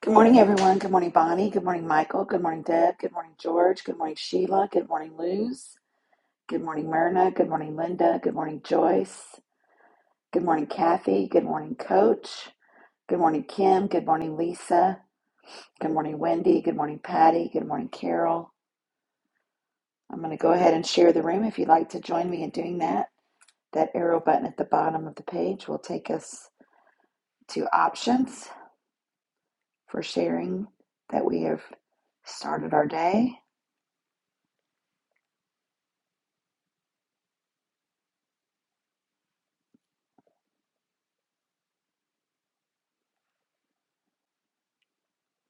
Good morning, everyone. Good morning, Bonnie. Good morning, Michael. Good morning, Deb. Good morning, George. Good morning, Sheila. Good morning, Luz. Good morning, Myrna. Good morning, Linda. Good morning, Joyce. Good morning, Kathy. Good morning, Coach. Good morning, Kim. Good morning, Lisa. Good morning, Wendy. Good morning, Patty. Good morning, Carol. I'm going to go ahead and share the room. If you'd like to join me in doing that, that arrow button at the bottom of the page will take us to options for sharing that we have started our day.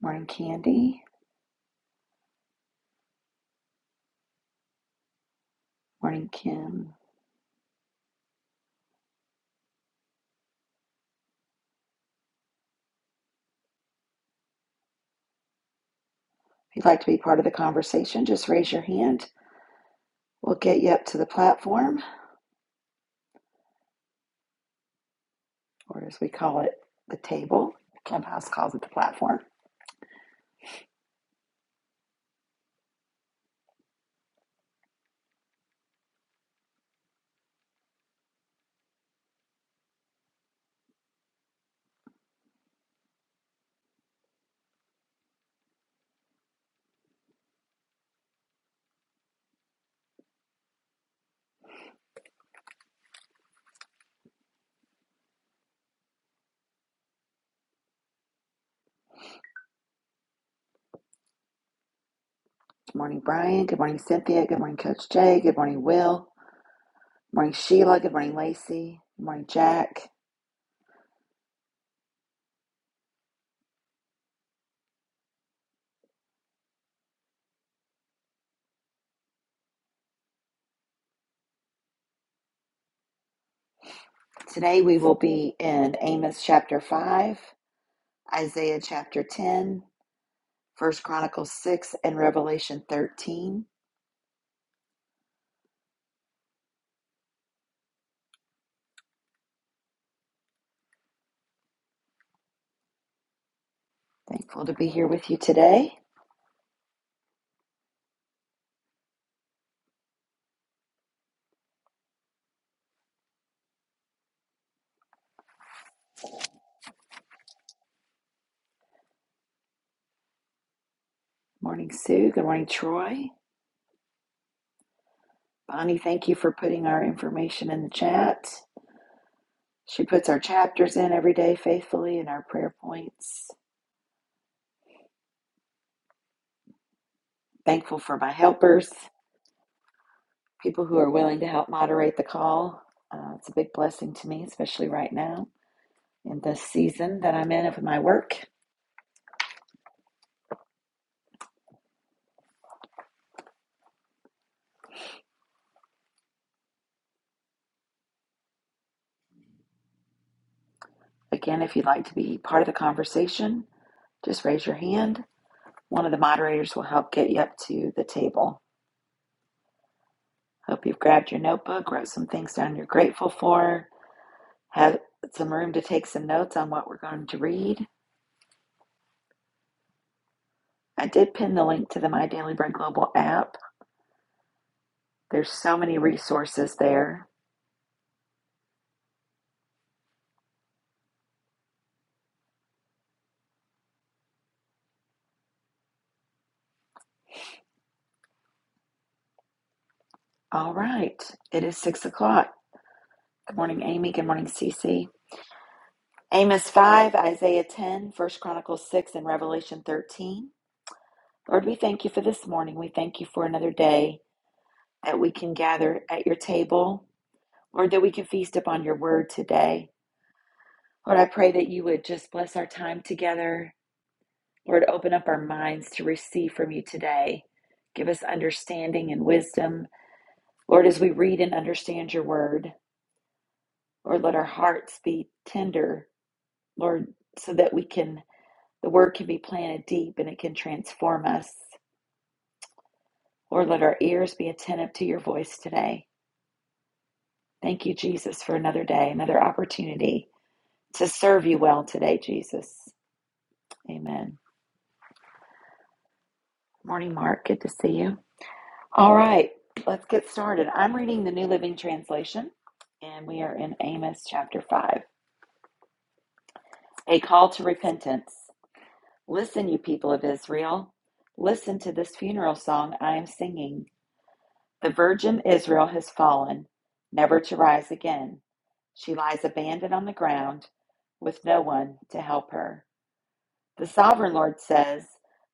Morning, Candy. Morning, Kim. If you'd like to be part of the conversation, just raise your hand. We'll get you up to the platform, or as we call it, the table. Clubhouse calls it the platform. Good morning, Brian. Good morning, Cynthia. Good morning, Coach Jay. Good morning, Will. Good morning, Sheila. Good morning, Lacey. Good morning, Jack. Today we will be in Amos chapter 5, Isaiah chapter 10, First Chronicles 6, and Revelation 13. Thankful to be here with you today. Morning, Sue. Good morning, Troy. Bonnie, thank you for putting our information in the chat. She puts our chapters in every day faithfully and our prayer points. Thankful for my helpers, people who are willing to help moderate the call. Uh, it's a big blessing to me, especially right now in this season that I'm in of my work. Again, if you'd like to be part of the conversation, just raise your hand. One of the moderators will help get you up to the table. Hope you've grabbed your notebook, wrote some things down you're grateful for, Have some room to take some notes on what we're going to read. I did pin the link to the My Daily Bread Global app. There's so many resources there. All right, it is six o'clock. Good morning, Amy. Good morning, Cece. Amos 5, Isaiah 10, First Chronicles 6, and Revelation 13. Lord, we thank you for this morning. We thank you for another day that we can gather at your table. Lord, that we can feast upon your word today. Lord, I pray that you would just bless our time together Lord, open up our minds to receive from you today. Give us understanding and wisdom. Lord, as we read and understand your word, Lord, let our hearts be tender, Lord, so that we can, the word can be planted deep and it can transform us. Lord, let our ears be attentive to your voice today. Thank you, Jesus, for another day, another opportunity to serve you well today, Jesus. Amen. Morning, Mark. Good to see you. All right, let's get started. I'm reading the New Living Translation, and we are in Amos chapter 5. A call to repentance. Listen, you people of Israel. Listen to this funeral song I am singing. The virgin Israel has fallen, never to rise again. She lies abandoned on the ground with no one to help her. The sovereign Lord says,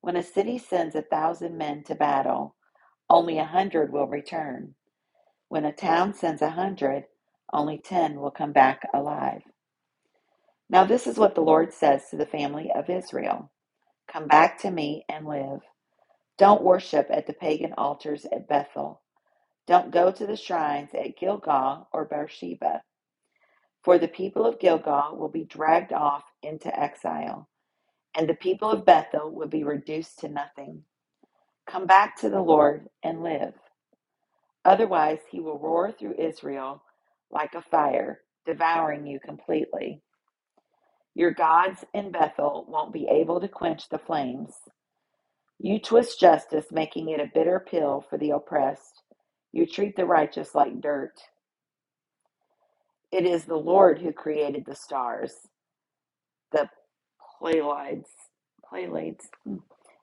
When a city sends a thousand men to battle, only a hundred will return. When a town sends a hundred, only ten will come back alive. Now, this is what the Lord says to the family of Israel Come back to me and live. Don't worship at the pagan altars at Bethel. Don't go to the shrines at Gilgal or Beersheba, for the people of Gilgal will be dragged off into exile, and the people of Bethel will be reduced to nothing. Come back to the Lord and live. Otherwise, he will roar through Israel like a fire, devouring you completely. Your gods in Bethel won't be able to quench the flames. You twist justice, making it a bitter pill for the oppressed. You treat the righteous like dirt. It is the Lord who created the stars, the Pleiades, Pleiades,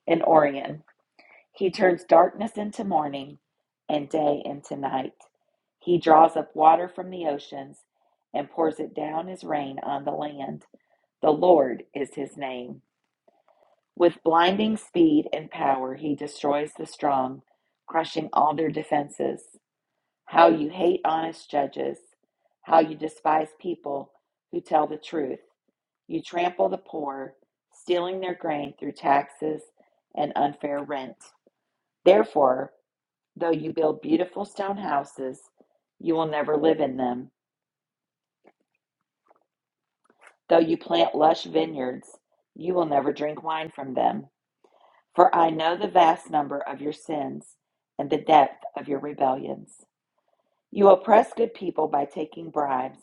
and Orion. He turns darkness into morning and day into night. He draws up water from the oceans and pours it down as rain on the land. The Lord is his name. With blinding speed and power, he destroys the strong, crushing all their defenses. How you hate honest judges, how you despise people who tell the truth. You trample the poor, stealing their grain through taxes and unfair rent. Therefore, Though you build beautiful stone houses, you will never live in them. Though you plant lush vineyards, you will never drink wine from them. For I know the vast number of your sins and the depth of your rebellions. You oppress good people by taking bribes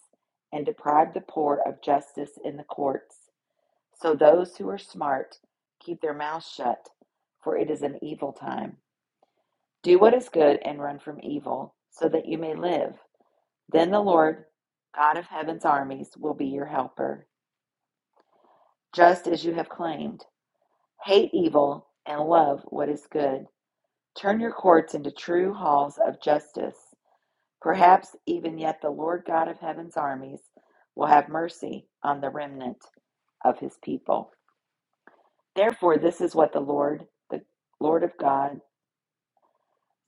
and deprive the poor of justice in the courts. So those who are smart keep their mouths shut, for it is an evil time. Do what is good and run from evil, so that you may live. Then the Lord, God of heaven's armies, will be your helper, just as you have claimed. Hate evil and love what is good. Turn your courts into true halls of justice. Perhaps even yet the Lord God of heaven's armies will have mercy on the remnant of his people. Therefore, this is what the Lord, the Lord of God,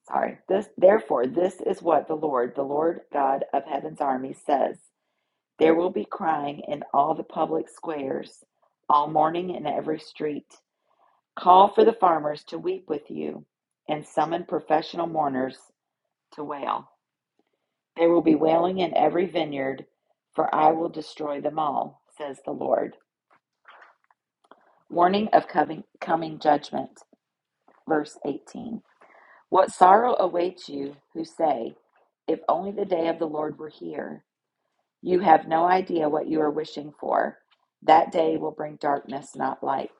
sorry, this, therefore, this is what the Lord, the Lord God of heaven's armies says. There will be crying in all the public squares, all morning in every street. Call for the farmers to weep with you, and summon professional mourners to wail. There will be wailing in every vineyard, for I will destroy them all, says the Lord. Warning of coming, coming judgment. Verse 18. What sorrow awaits you who say, If only the day of the Lord were here. You have no idea what you are wishing for. That day will bring darkness, not light.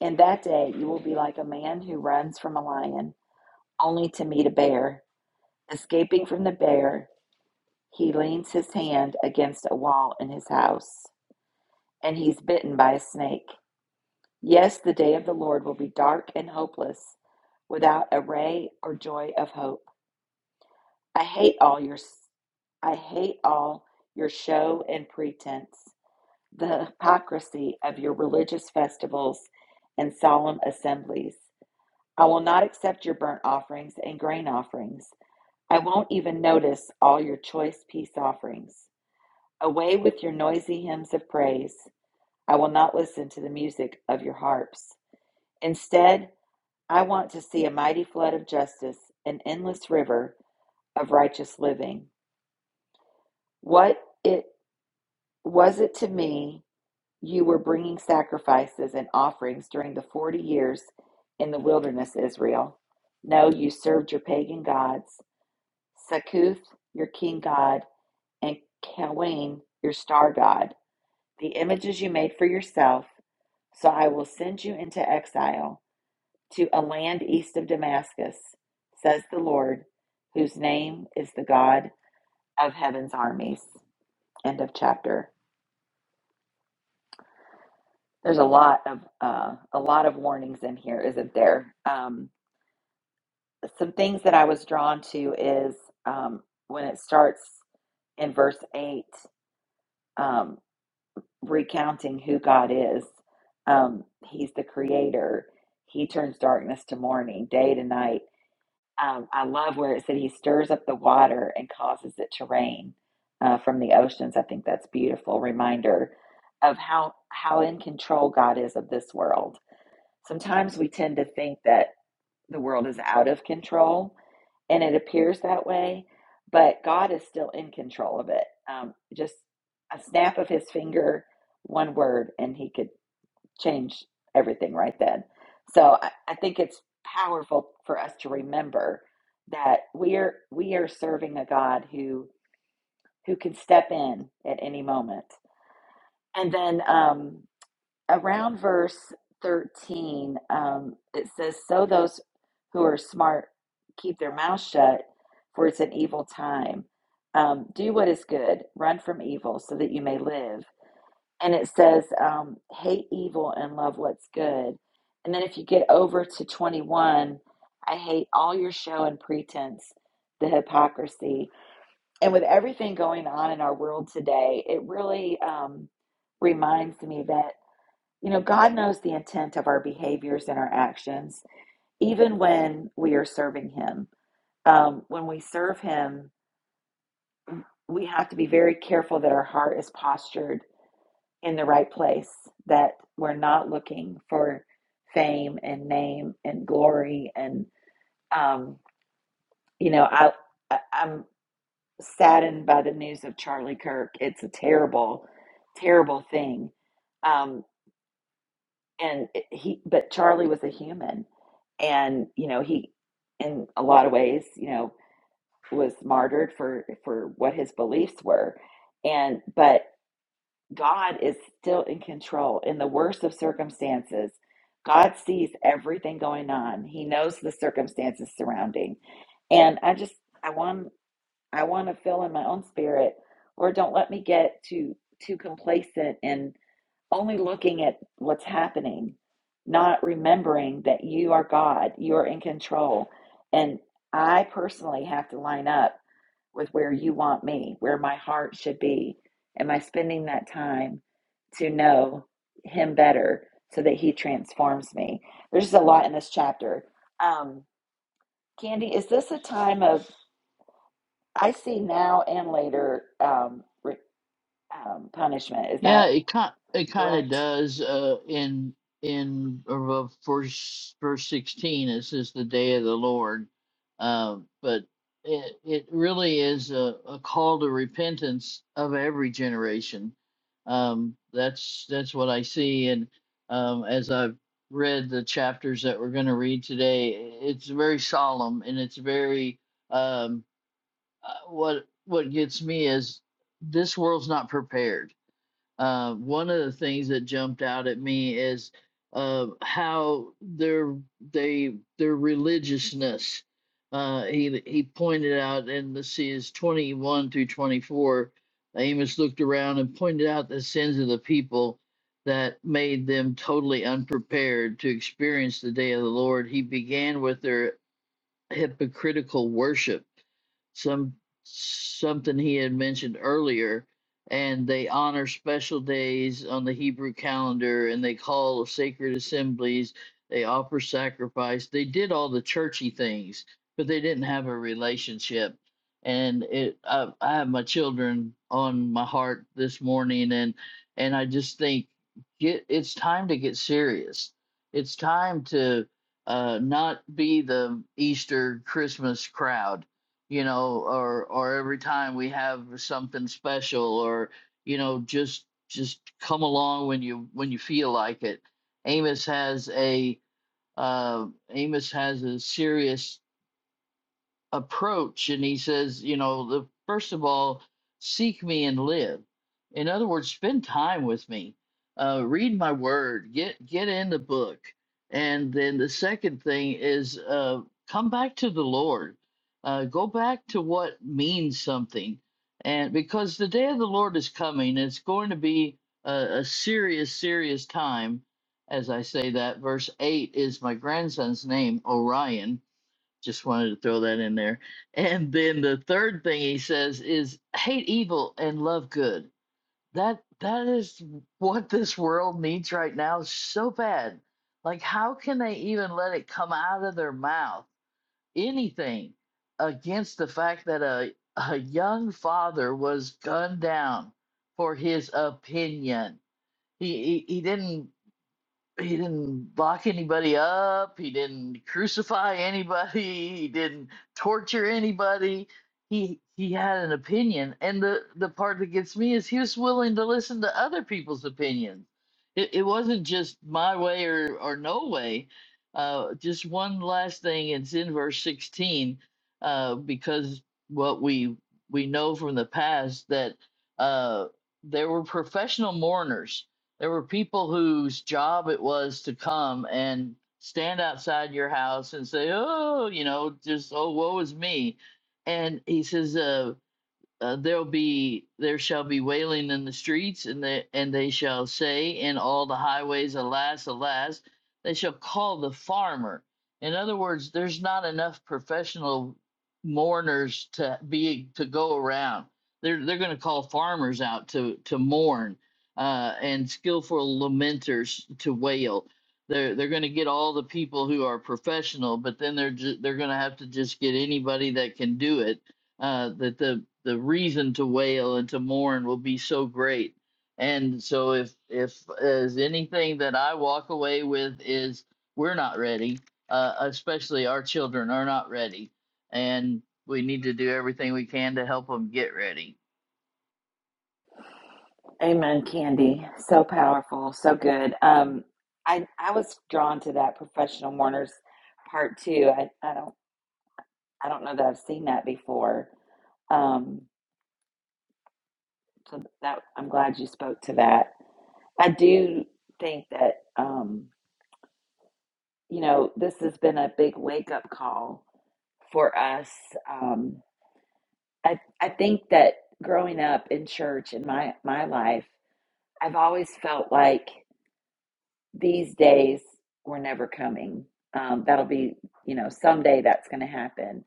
In that day, you will be like a man who runs from a lion only to meet a bear. Escaping from the bear, he leans his hand against a wall in his house, and he's bitten by a snake. Yes, the day of the Lord will be dark and hopeless, without a ray or joy of hope. I hate all your I hate all your show and pretense. the hypocrisy of your religious festivals and solemn assemblies. I will not accept your burnt offerings and grain offerings. I won't even notice all your choice peace offerings. Away with your noisy hymns of praise. I will not listen to the music of your harps. Instead, I want to see a mighty flood of justice, an endless river of righteous living. What it was it to me You were bringing sacrifices and offerings during the 40 years in the wilderness, Israel. No, you served your pagan gods, Succoth, your king god, and Kawain, your star god, the images you made for yourself. So I will send you into exile to a land east of Damascus, says the Lord, whose name is the God of heaven's armies. End of chapter. There's a lot of uh, a lot of warnings in here, isn't there? Um, some things that I was drawn to is um, when it starts in verse eight, um, recounting who God is. Um, he's the Creator. He turns darkness to morning, day to night. Um, I love where it said He stirs up the water and causes it to rain uh, from the oceans. I think that's beautiful reminder of how how in control God is of this world Sometimes we tend to think that the world is out of control, and it appears that way, but God is still in control of it. Um, just a snap of his finger, one word, and he could change everything right then. So I, I think it's powerful for us to remember that we are we are serving a God who who can step in at any moment. And then um, around verse 13, um, it says, So those who are smart keep their mouth shut, for it's an evil time. Um, do what is good, run from evil, so that you may live. And it says, um, Hate evil and love what's good. And then if you get over to 21, I hate all your show and pretense, the hypocrisy. And with everything going on in our world today, it really um, reminds me that. You know, God knows the intent of our behaviors and our actions, even when we are serving Him. Um, when we serve Him, we have to be very careful that our heart is postured in the right place, that we're not looking for fame and name and glory. And, um, you know, I, I, I'm saddened by the news of Charlie Kirk. It's a terrible, terrible thing. Um, and it- he but charlie was a human and you know he in a lot of ways you know was martyred for for what his beliefs were and but god is still in control in the worst of circumstances god sees everything going on he knows the circumstances surrounding and i just i want i want to fill in my own spirit or don't let me get too too complacent in only looking at what's happening, not remembering that you are God, you are in control. And I personally have to line up with where you want me, where my heart should be. Am I spending that time to know Him better so that He transforms me? There's just a lot in this chapter. Um, Candy, is this a time of, I see now and later um, re, um, punishment. Is Yeah, that it kind it kind of correct? does. Uh, in in uh, verse verse sixteen, it says the day of the Lord, uh, but it it really is a, a call to repentance of every generation. Um, that's that's what I see, and um, as I've read the chapters that we're going to read today, it's very solemn and it's very um, uh, what what gets me is this world's not prepared uh, one of the things that jumped out at me is uh, how their they their religiousness. Uh, he he pointed out in the series twenty one through twenty four. Amos looked around and pointed out the sins of the people that made them totally unprepared to experience the day of the Lord. He began with their hypocritical worship, some something he had mentioned earlier, and they honor special days on the Hebrew calendar, and they call sacred assemblies, they offer sacrifice, they did all the churchy things, but they didn't have a relationship. And it, I, I have my children on my heart this morning, and and I just think get it's time to get serious. It's time to uh, not be the Easter Christmas crowd, you know, or or every time we have something special, or you know, just just come along when you when you feel like it. Amos has a uh, Amos has a serious approach and he says you know the first of all seek me and live in other words spend time with me uh, read my word get get in the book and then the second thing is uh, come back to the lord uh, go back to what means something and because the day of the lord is coming it's going to be a, a serious serious time as i say that verse 8 is my grandson's name orion just wanted to throw that in there. And then the third thing he says is hate evil and love good. That that is what this world needs right now so bad. Like how can they even let it come out of their mouth anything against the fact that a a young father was gunned down for his opinion. He he, he didn't he didn't lock anybody up. He didn't crucify anybody. He didn't torture anybody. He he had an opinion, and the the part that gets me is he was willing to listen to other people's opinions. It it wasn't just my way or or no way. Uh, just one last thing. It's in verse sixteen, uh, because what we we know from the past that uh, there were professional mourners there were people whose job it was to come and stand outside your house and say, "Oh, you know, just oh, woe is me," and he says, uh, uh, there'll be there shall be wailing in the streets and they and they shall say in all the highways alas alas they shall call the farmer in other words there's not enough professional mourners to be to go around they're they're going to call farmers out to to mourn uh, and skillful lamenters to wail they're they're going to get all the people who are professional but then they're ju- they're going to have to just get anybody that can do it uh, that the the reason to wail and to mourn will be so great. And so if if as anything that I walk away with is we're not ready, uh, especially our children are not ready, and we need to do everything we can to help them get ready. Amen, Candy. So powerful, so good. Um, I I was drawn to that professional mourners part too. I, I don't I don't know that I've seen that before. Um, so that I'm glad you spoke to that. I do think that um, you know this has been a big wake up call for us. Um, I I think that growing up in church in my my life, I've always felt like. these days were never coming. Um, that'll be, you know, someday that's going to happen.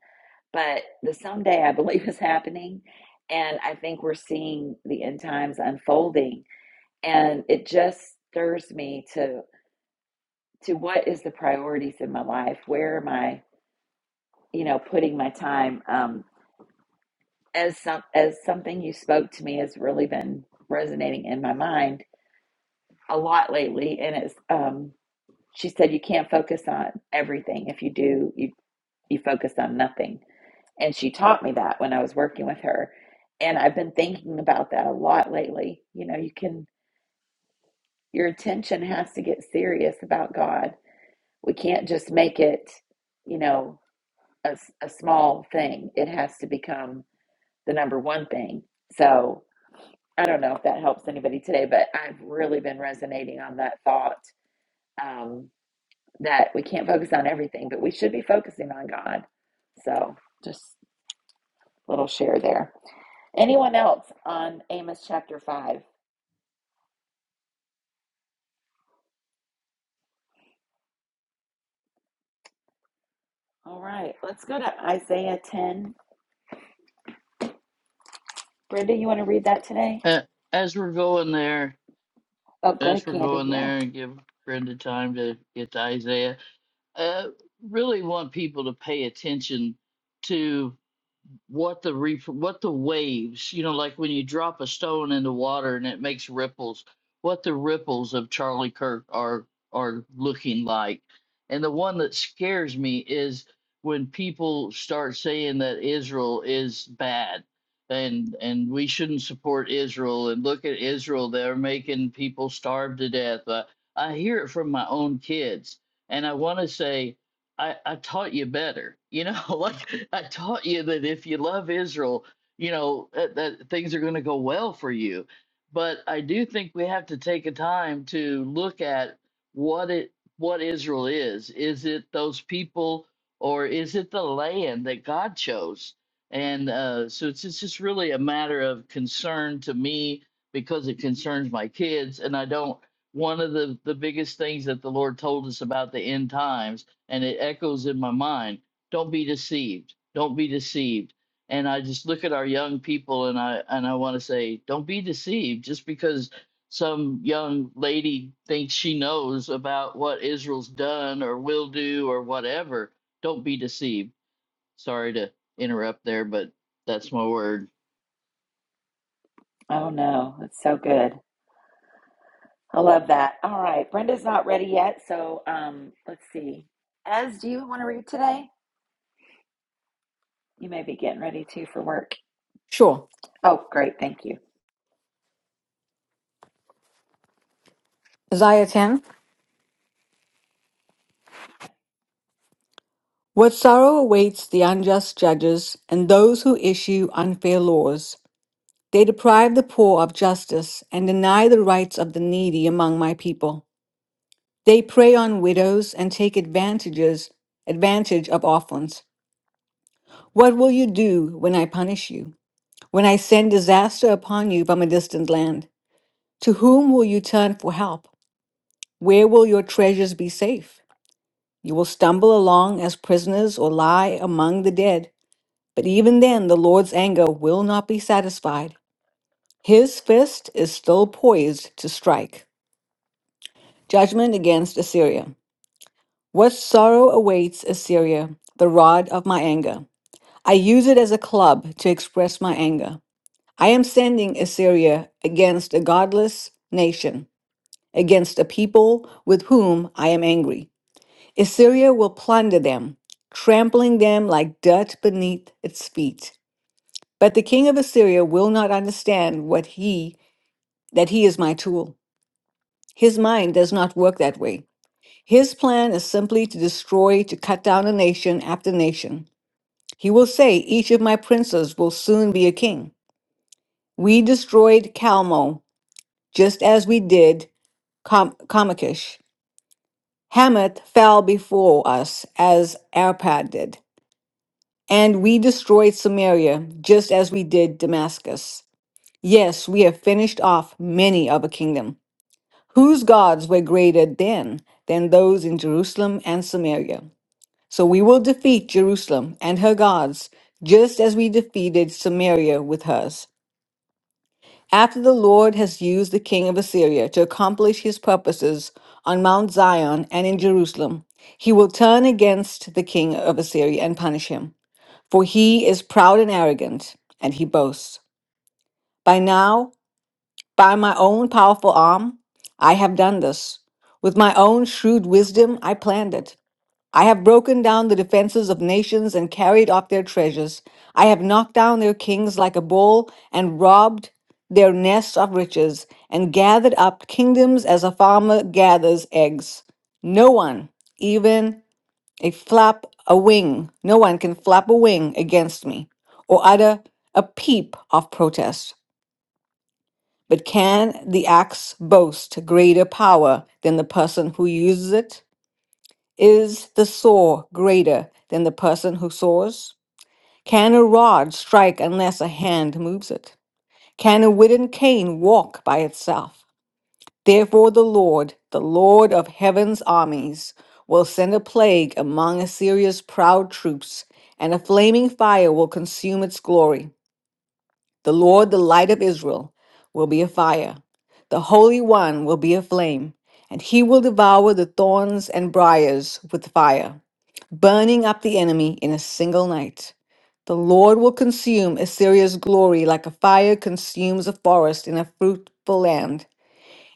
But the someday I believe is happening. And I think we're seeing the end times unfolding. And it just stirs me to to what is the priorities in my life? Where am I, you know, putting my time? Um, as some as something you spoke to me has really been resonating in my mind a lot lately, and it's um, she said you can't focus on everything if you do you You focus on nothing. And she taught me that when I was working with her. And I've been thinking about that a lot lately. You know, you can, your attention has to get serious about God. We can't just make it, you know, a a small thing. It has to become the number one thing. So I don't know if that helps anybody today, but I've really been resonating on that thought um, that we can't focus on everything, but we should be focusing on God. So just a little share there. Anyone else on Amos chapter 5? All right, let's go to Isaiah 10. Brenda, you want to read that today? Uh, as we're going there, Oh, go as ahead, we're Candy. going Yeah. there, and give Brenda time to get to Isaiah. Uh, really want people to pay attention to. what the reef what the waves you know like when you drop a stone in the water and it makes ripples what the ripples of charlie kirk are are looking like and the one that scares me is when people start saying that israel is bad and and we shouldn't support israel and look at israel they're making people starve to death uh, i hear it from my own kids and i want to say I, I taught you better. You know, like I taught you that if you love Israel, you know, that, that things are going to go well for you. But I do think we have to take a time to look at what it what Israel is. Is it those people or is it the land that God chose? And uh, so it's, it's just really a matter of concern to me because it concerns my kids. And I don't, one of the, the biggest things that the Lord told us about the end times and it echoes in my mind don't be deceived don't be deceived and i just look at our young people and i and i want to say don't be deceived just because some young lady thinks she knows about what israel's done or will do or whatever don't be deceived sorry to interrupt there but that's my word Oh, no, it's so good. I love that. All right, Brenda's not ready yet, so um, let's see. Ez, do you want to read today? You may be getting ready too for work. Sure. Oh, great. Thank you. Isaiah 10. What sorrow awaits the unjust judges and those who issue unfair laws. They deprive the poor of justice and deny the rights of the needy among my people. They prey on widows and take advantages, advantage of orphans. What will you do when I punish you? When I send disaster upon you from a distant land? To whom will you turn for help? Where will your treasures be safe? You will stumble along as prisoners or lie among the dead. But even then, the Lord's anger will not be satisfied. His fist is still poised to strike. Judgment against Assyria. What sorrow awaits Assyria, the rod of my anger? I use it as a club to express my anger. I am sending Assyria against a godless nation, against a people with whom I am angry. Assyria will plunder them, trampling them like dirt beneath its feet. But the king of Assyria will not understand what he that he is my tool. His mind does not work that way. His plan is simply to destroy, to cut down a nation after nation. He will say, Each of my princes will soon be a king. We destroyed Calmo just as we did Com- Comakish. Hamath fell before us as Arpad did. And we destroyed Samaria just as we did Damascus. Yes, we have finished off many of a kingdom. Whose gods were greater then than those in Jerusalem and Samaria? So we will defeat Jerusalem and her gods, just as we defeated Samaria with hers. After the Lord has used the king of Assyria to accomplish his purposes on Mount Zion and in Jerusalem, he will turn against the king of Assyria and punish him. For he is proud and arrogant, and he boasts. By now, By my own powerful arm, I have done this. With my own shrewd wisdom, I planned it. I have broken down the defenses of nations and carried off their treasures. I have knocked down their kings like a bull and robbed their nests of riches and gathered up kingdoms as a farmer gathers eggs. No one, even a flap, a wing, no one can flap a wing against me or utter a peep of protest. But can the axe boast greater power than the person who uses it? Is the saw greater than the person who saws? Can a rod strike unless a hand moves it? Can a wooden cane walk by itself? Therefore, the Lord, the Lord of heaven's armies, will send a plague among Assyria's proud troops, and a flaming fire will consume its glory. The Lord, the light of Israel, will be a fire. The Holy One will be a flame, and he will devour the thorns and briars with fire, burning up the enemy in a single night. The Lord will consume Assyria's glory like a fire consumes a forest in a fruitful land.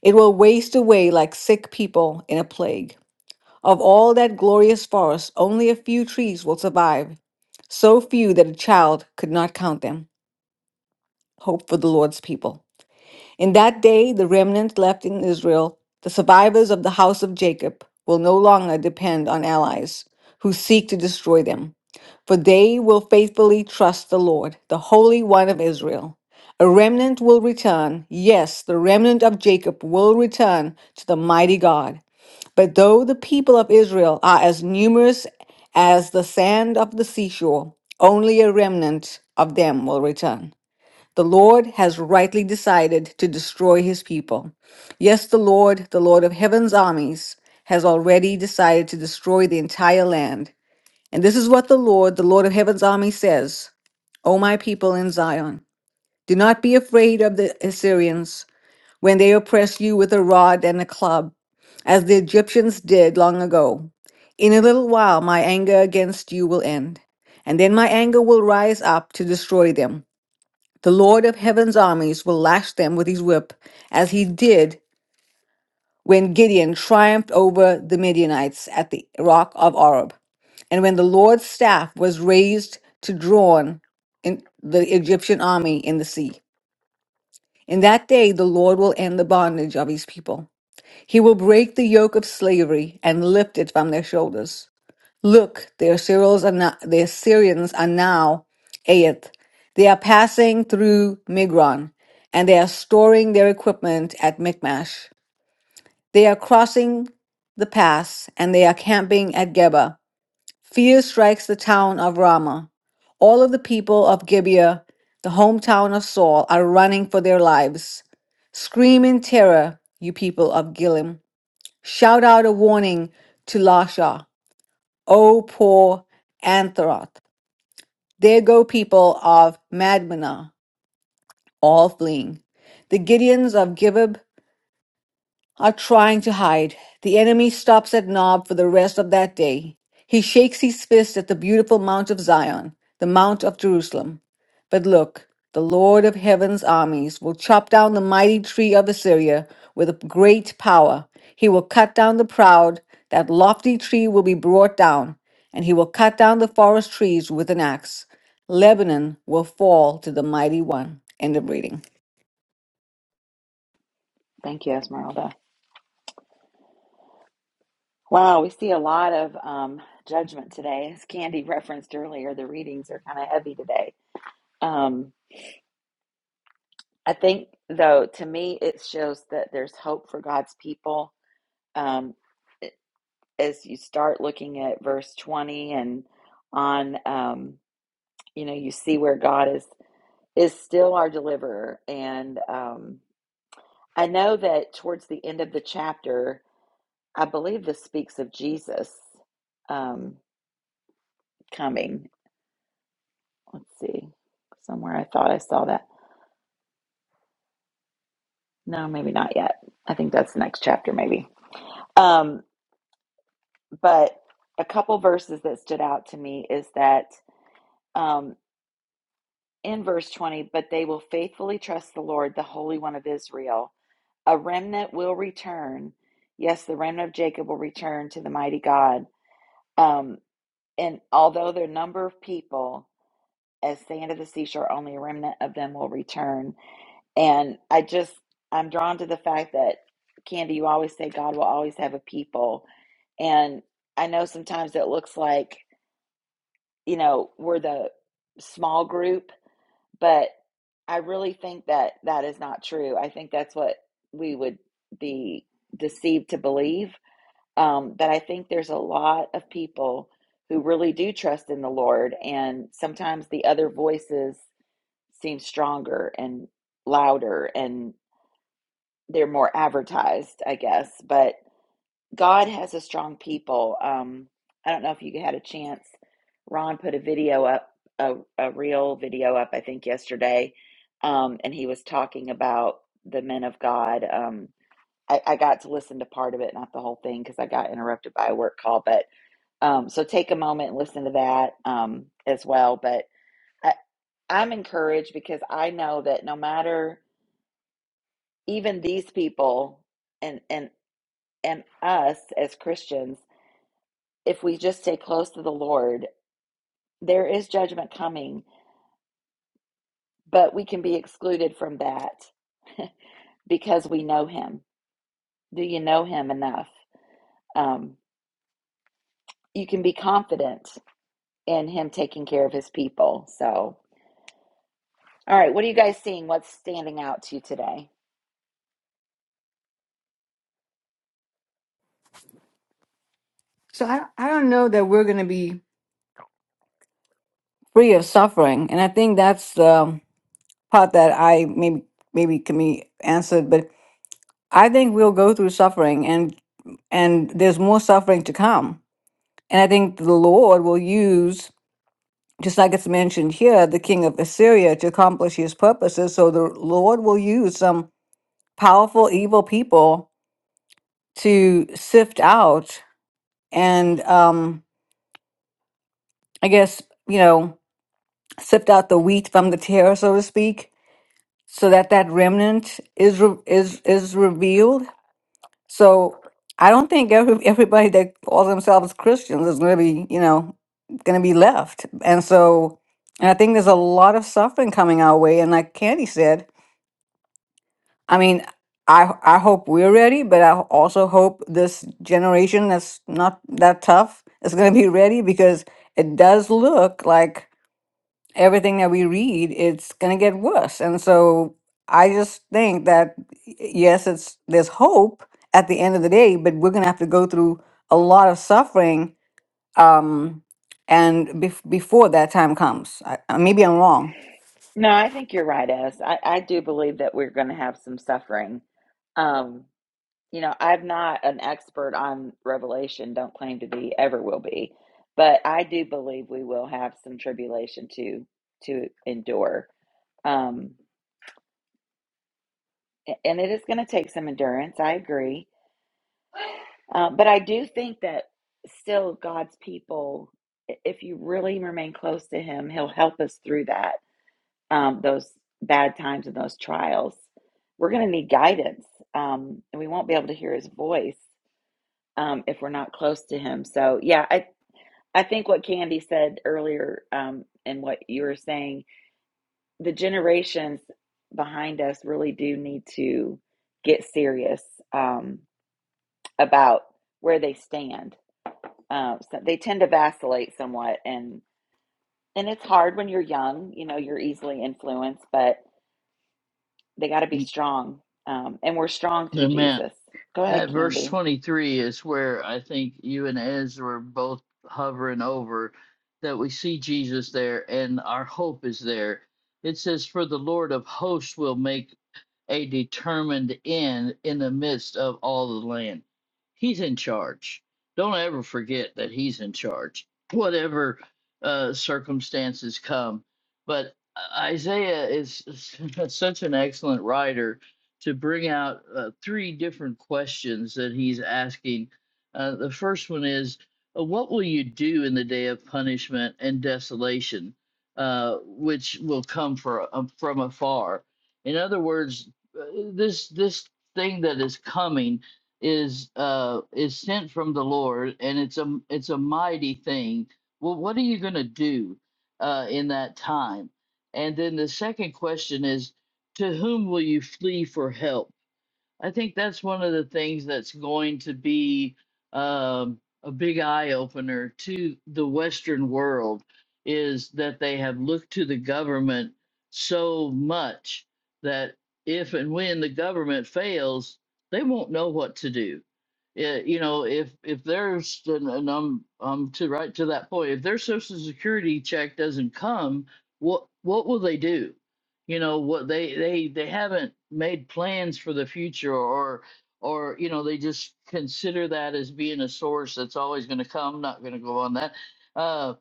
It will waste away like sick people in a plague. Of all that glorious forest, only a few trees will survive, so few that a child could not count them. Hope for the Lord's people. In that day, the remnant left in Israel, the survivors of the house of Jacob, will no longer depend on allies who seek to destroy them, for they will faithfully trust the Lord, the Holy One of Israel. A remnant will return. Yes, the remnant of Jacob will return to the mighty God. But though the people of Israel are as numerous as the sand of the seashore, only a remnant of them will return. The Lord has rightly decided to destroy his people. Yes, the Lord, the Lord of heaven's armies, has already decided to destroy the entire land. And this is what the Lord, the Lord of heaven's army says O my people in Zion, do not be afraid of the Assyrians when they oppress you with a rod and a club, as the Egyptians did long ago. In a little while, my anger against you will end, and then my anger will rise up to destroy them. The Lord of heaven's armies will lash them with his whip, as he did when Gideon triumphed over the Midianites at the rock of Oreb. And when the Lord's staff was raised to drawn in the Egyptian army in the sea. In that day, the Lord will end the bondage of his people. He will break the yoke of slavery and lift it from their shoulders. Look, the Assyrians are now, the Assyrians are now at. They are passing through Migron, and they are storing their equipment at Michmash. They are crossing the pass, and they are camping at Geba. Fear strikes the town of Ramah. All of the people of Gibeah, the hometown of Saul, are running for their lives. Scream in terror, you people of Gilim. Shout out a warning to Lasha. O poor Antheroth! There go people of Madmenah, all fleeing. The Gideons of Gibeah are trying to hide. The enemy stops at Nob for the rest of that day. He shakes his fist at the beautiful Mount of Zion, the Mount of Jerusalem. But look, the Lord of heaven's armies will chop down the mighty tree of Assyria with great power. He will cut down the proud, that lofty tree will be brought down, and he will cut down the forest trees with an axe. Lebanon will fall to the mighty one. End of reading. Thank you, Esmeralda. Wow, we see a lot of um, judgment today. As Candy referenced earlier, the readings are kind of heavy today. Um, I think, though, to me, it shows that there's hope for God's people. Um, as you start looking at verse 20 and on, um, you know, you see where God is is still our deliverer. And um, I know that towards the end of the chapter, I believe this speaks of Jesus um, coming. Let's see, somewhere I thought I saw that. No, maybe not yet. I think that's the next chapter, maybe. Um, but a couple verses that stood out to me is that um, in verse 20, but they will faithfully trust the Lord, the Holy One of Israel. A remnant will return. Yes, the remnant of Jacob will return to the mighty God. Um, and although their number of people, as sand of the seashore, only a remnant of them will return. And I just, I'm drawn to the fact that, Candy, you always say God will always have a people. And I know sometimes it looks like you know, we're the small group, but I really think that that is not true. I think that's what we would be deceived to believe. Um, but I think there's a lot of people who really do trust in the Lord, and sometimes the other voices seem stronger and louder and they're more advertised, I guess. But God has a strong people. Um, I don't know if you had a chance. Ron put a video up, a, a real video up, I think, yesterday, um, and he was talking about the men of God. Um, I, I got to listen to part of it, not the whole thing, because I got interrupted by a work call. But um, so take a moment and listen to that um, as well. But I, I'm encouraged because I know that no matter even these people and and and us as Christians if we just stay close to the Lord, there is judgment coming, but we can be excluded from that because we know Him. Do you know Him enough? Um, you can be confident in Him taking care of His people. So, all right, what are you guys seeing? What's standing out to you today? So I, I don't know that we're going to be free of suffering. And I think that's the part that I maybe maybe can be answered. But I think we'll go through suffering and and there's more suffering to come. And I think the Lord will use, just like it's mentioned here, the king of Assyria to accomplish his purposes. So the Lord will use some powerful evil people to sift out and um I guess, you know, sift out the wheat from the tear, so to speak so that that remnant is re- is is revealed. So I don't think every, everybody that calls themselves Christians is going to be, you know, going to be left. And so, and I think there's a lot of suffering coming our way. And like Candy said, I mean, I I hope we're ready, but I also hope this generation that's not that tough is going to be ready because it does look like everything that we read, it's going to get worse. And so I just think that y- yes, it's there's hope at the end of the day, but we're going to have to go through a lot of suffering um, and bef- before that time comes. I, uh, maybe I'm wrong. No, I think you're right, Ez. I, I do believe that we're going to have some suffering. Um, you know, I'm not an expert on Revelation, don't claim to be, ever will be, but I do believe we will have some tribulation to to endure. Um, and it is going to take some endurance, I agree. Uh, but I do think that still God's people, i- if you really remain close to Him, He'll help us through that, um, those bad times and those trials. We're going to need guidance, um, and we won't be able to hear His voice um, if we're not close to him. So yeah, I. I think what Candy said earlier um, and what you were saying, the generations behind us really do need to get serious um, about where they stand. Uh, so they tend to vacillate somewhat, and and it's hard when you're young. You know, you're easily influenced, but they got to be strong, um, and we're strong through amen Jesus. Go ahead, That verse Candy. 23 is where I think you and Ez were both hovering over, that we see Jesus there and our hope is there. It says, For the Lord of hosts will make a determined end in the midst of all the land. He's in charge. Don't ever forget that he's in charge, whatever uh, circumstances come. But Isaiah is such an excellent writer to bring out uh, three different questions that he's asking. Uh, the first one is, uh, What will you do in the day of punishment and desolation, uh, which will come for, um, from afar? In other words, uh, this this thing that is coming is uh is sent from the Lord and it's a it's a mighty thing. Well, what are you going to do uh in that time? And then the second question is to whom will you flee for help? I think that's one of the things that's going to be um, a big eye opener to the Western world is that they have looked to the government so much that if and when the government fails, they won't know what to do. Eh, you know, if if there's and, and I'm I'm to right to that point, if their Social Security check doesn't come, what what will they do? you know what they they they haven't made plans for the future or or you know they just consider that as being a source that's always going to come not going to go on that Uh,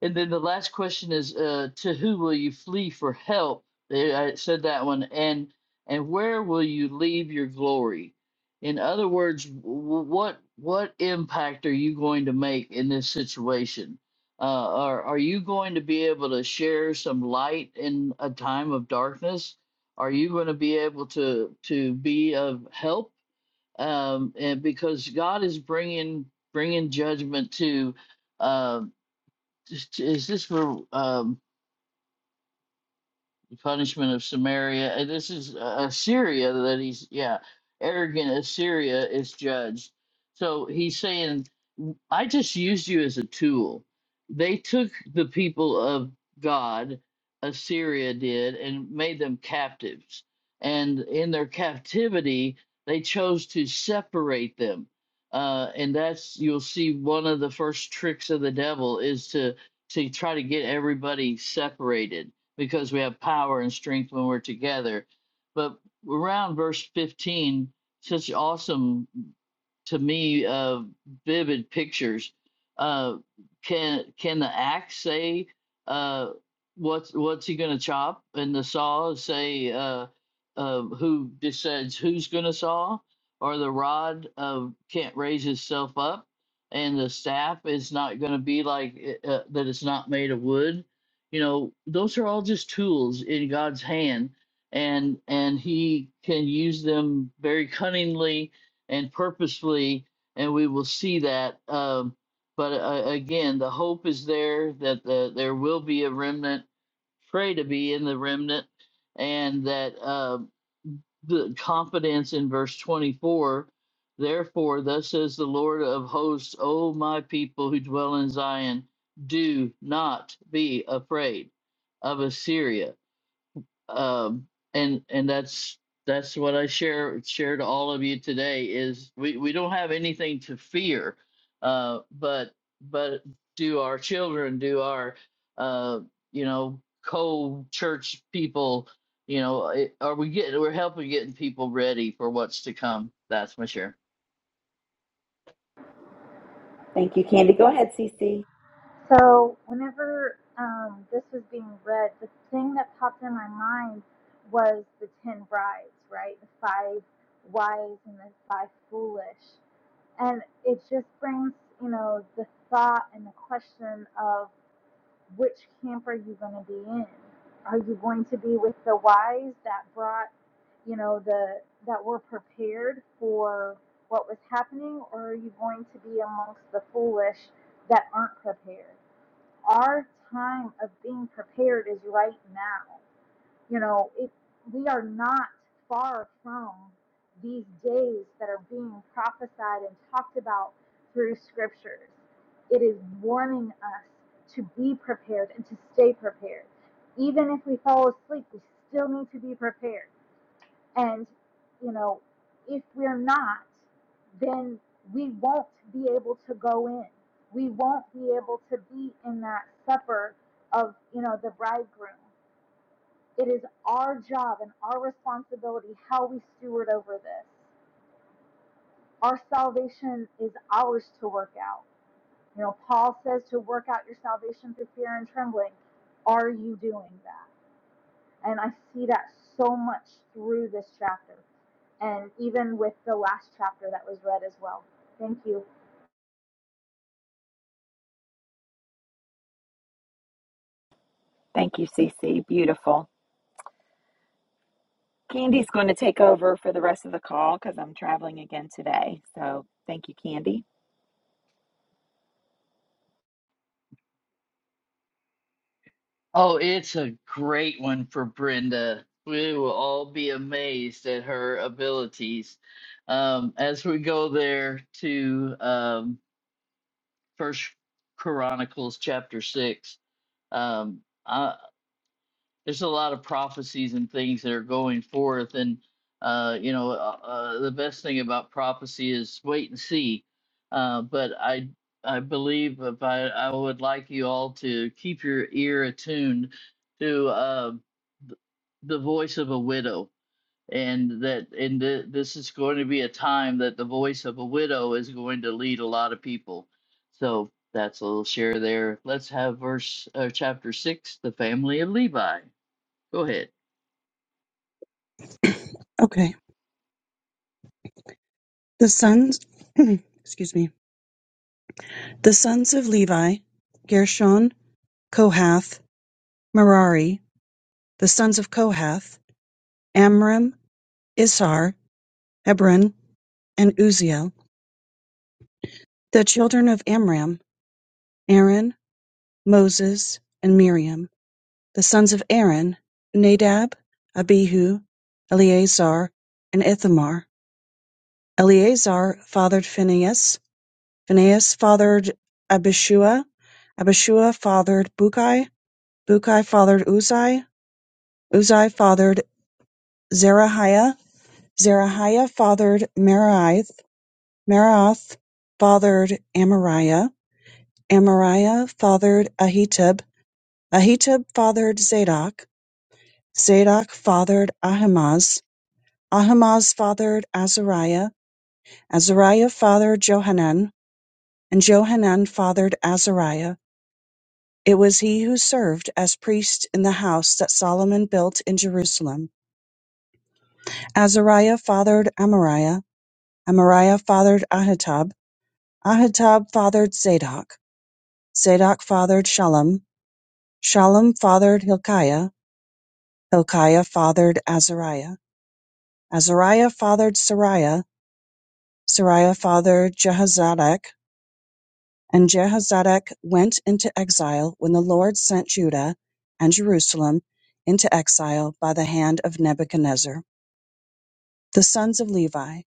and then the last question is, uh, to who will you flee for help? There, I said that one. And and where will you leave your glory? In other words, w- what what impact are you going to make in this situation? Uh, are are you going to be able to share some light in a time of darkness? Are you going to be able to to be of help? Um, and because God is bringing bringing judgment to um, is this for um? punishment of Samaria. And this is uh, Assyria that he's, yeah, arrogant Assyria is judged. So he's saying, I just used you as a tool. They took the people of God, Assyria did, and made them captives. And in their captivity, they chose to separate them. Uh, and that's you'll see one of the first tricks of the devil is to to try to get everybody separated because we have power and strength when we're together. But around verse 15, such awesome to me uh, vivid pictures. Uh, can can the axe say uh, what's what's he gonna chop, and the saw say uh, uh, who decides who's gonna saw, or the rod uh, can't raise itself up, and the staff is not gonna be like uh, uh, that. It's not made of wood. You know, those are all just tools in God's hand, and and He can use them very cunningly and purposefully, and we will see that. Um, but uh, again, the hope is there that the, there will be a remnant. Pray to be in the remnant, and that uh, the confidence in verse 24. Therefore, thus says the Lord of hosts, O my people who dwell in Zion, do not be afraid of Assyria um and and that's that's what i share share to all of you today is we we don't have anything to fear uh but but do our children do our uh you know co-church people you know eh, are we getting we're helping getting people ready for what's to come that's my share Thank you, Candy. Go ahead, Cece. So whenever um, this was being read, the thing that popped in my mind was the ten brides, right? The five wise and the five foolish, and it just brings you know the thought and the question of which camp are you going to be in? Are you going to be with the wise that brought you know the that were prepared for what was happening, or are you going to be amongst the foolish that aren't prepared? our time of being prepared is right now. You know, it, we are not far from these days that are being prophesied and talked about through scriptures. It is warning us to be prepared and to stay prepared. Even if we fall asleep, we still need to be prepared. And, you know, if we're not, then we won't be able to go in. We won't be able to be in that supper of, you know, the bridegroom. It is our job and our responsibility how we steward over this. Our salvation is ours to work out. You know, Paul says to work out your salvation through fear and trembling. Are you doing that? And I see that so much through this chapter and even with the last chapter that was read as well. Thank you. Thank you, Cece. Beautiful. Candy's going to take over for the rest of the call because I'm traveling again today. So thank you, Candy. Oh, it's a great one for Brenda. We will all be amazed at her abilities. Um, as we go there to um, First Chronicles chapter six, um, I, there's a lot of prophecies and things that are going forth and uh, you know uh, uh, the best thing about prophecy is wait and see uh, but i i believe if I, I would like you all to keep your ear attuned to uh, th- the voice of a widow and that and th- this is going to be a time that the voice of a widow is going to lead a lot of people so that's a little share there let's have verse uh, chapter 6 the family of levi Go ahead. Okay. The sons, excuse me, the sons of Levi, Gershon, Kohath, Merari, the sons of Kohath, Amram, Issar, Hebron, and Uziel, the children of Amram, Aaron, Moses, and Miriam, the sons of Aaron, Nadab, Abihu, Eleazar, and Ithamar. Eleazar fathered Phinehas, Phinehas fathered Abishua, Abishua fathered Bukai, Bukai fathered Uzai, Uzai fathered Zerahiah, Zerahiah fathered Merioth, Merioth fathered Amariah, Amariah fathered Ahitub, Ahitub fathered Zadok, Zadok fathered Ahimaaz, Ahimaaz fathered Azariah, Azariah fathered Johanan, and Johanan fathered Azariah. It was he who served as priest in the house that Solomon built in Jerusalem. Azariah fathered Amariah. Amariah fathered Ahitub. Ahitub fathered Zadok. Zadok fathered Shallum. Shallum fathered Hilkiah. Hilkiah fathered Azariah. Azariah fathered Sariah. Sariah fathered Jehozadak. And Jehozadak went into exile when the Lord sent Judah and Jerusalem into exile by the hand of Nebuchadnezzar. The sons of Levi: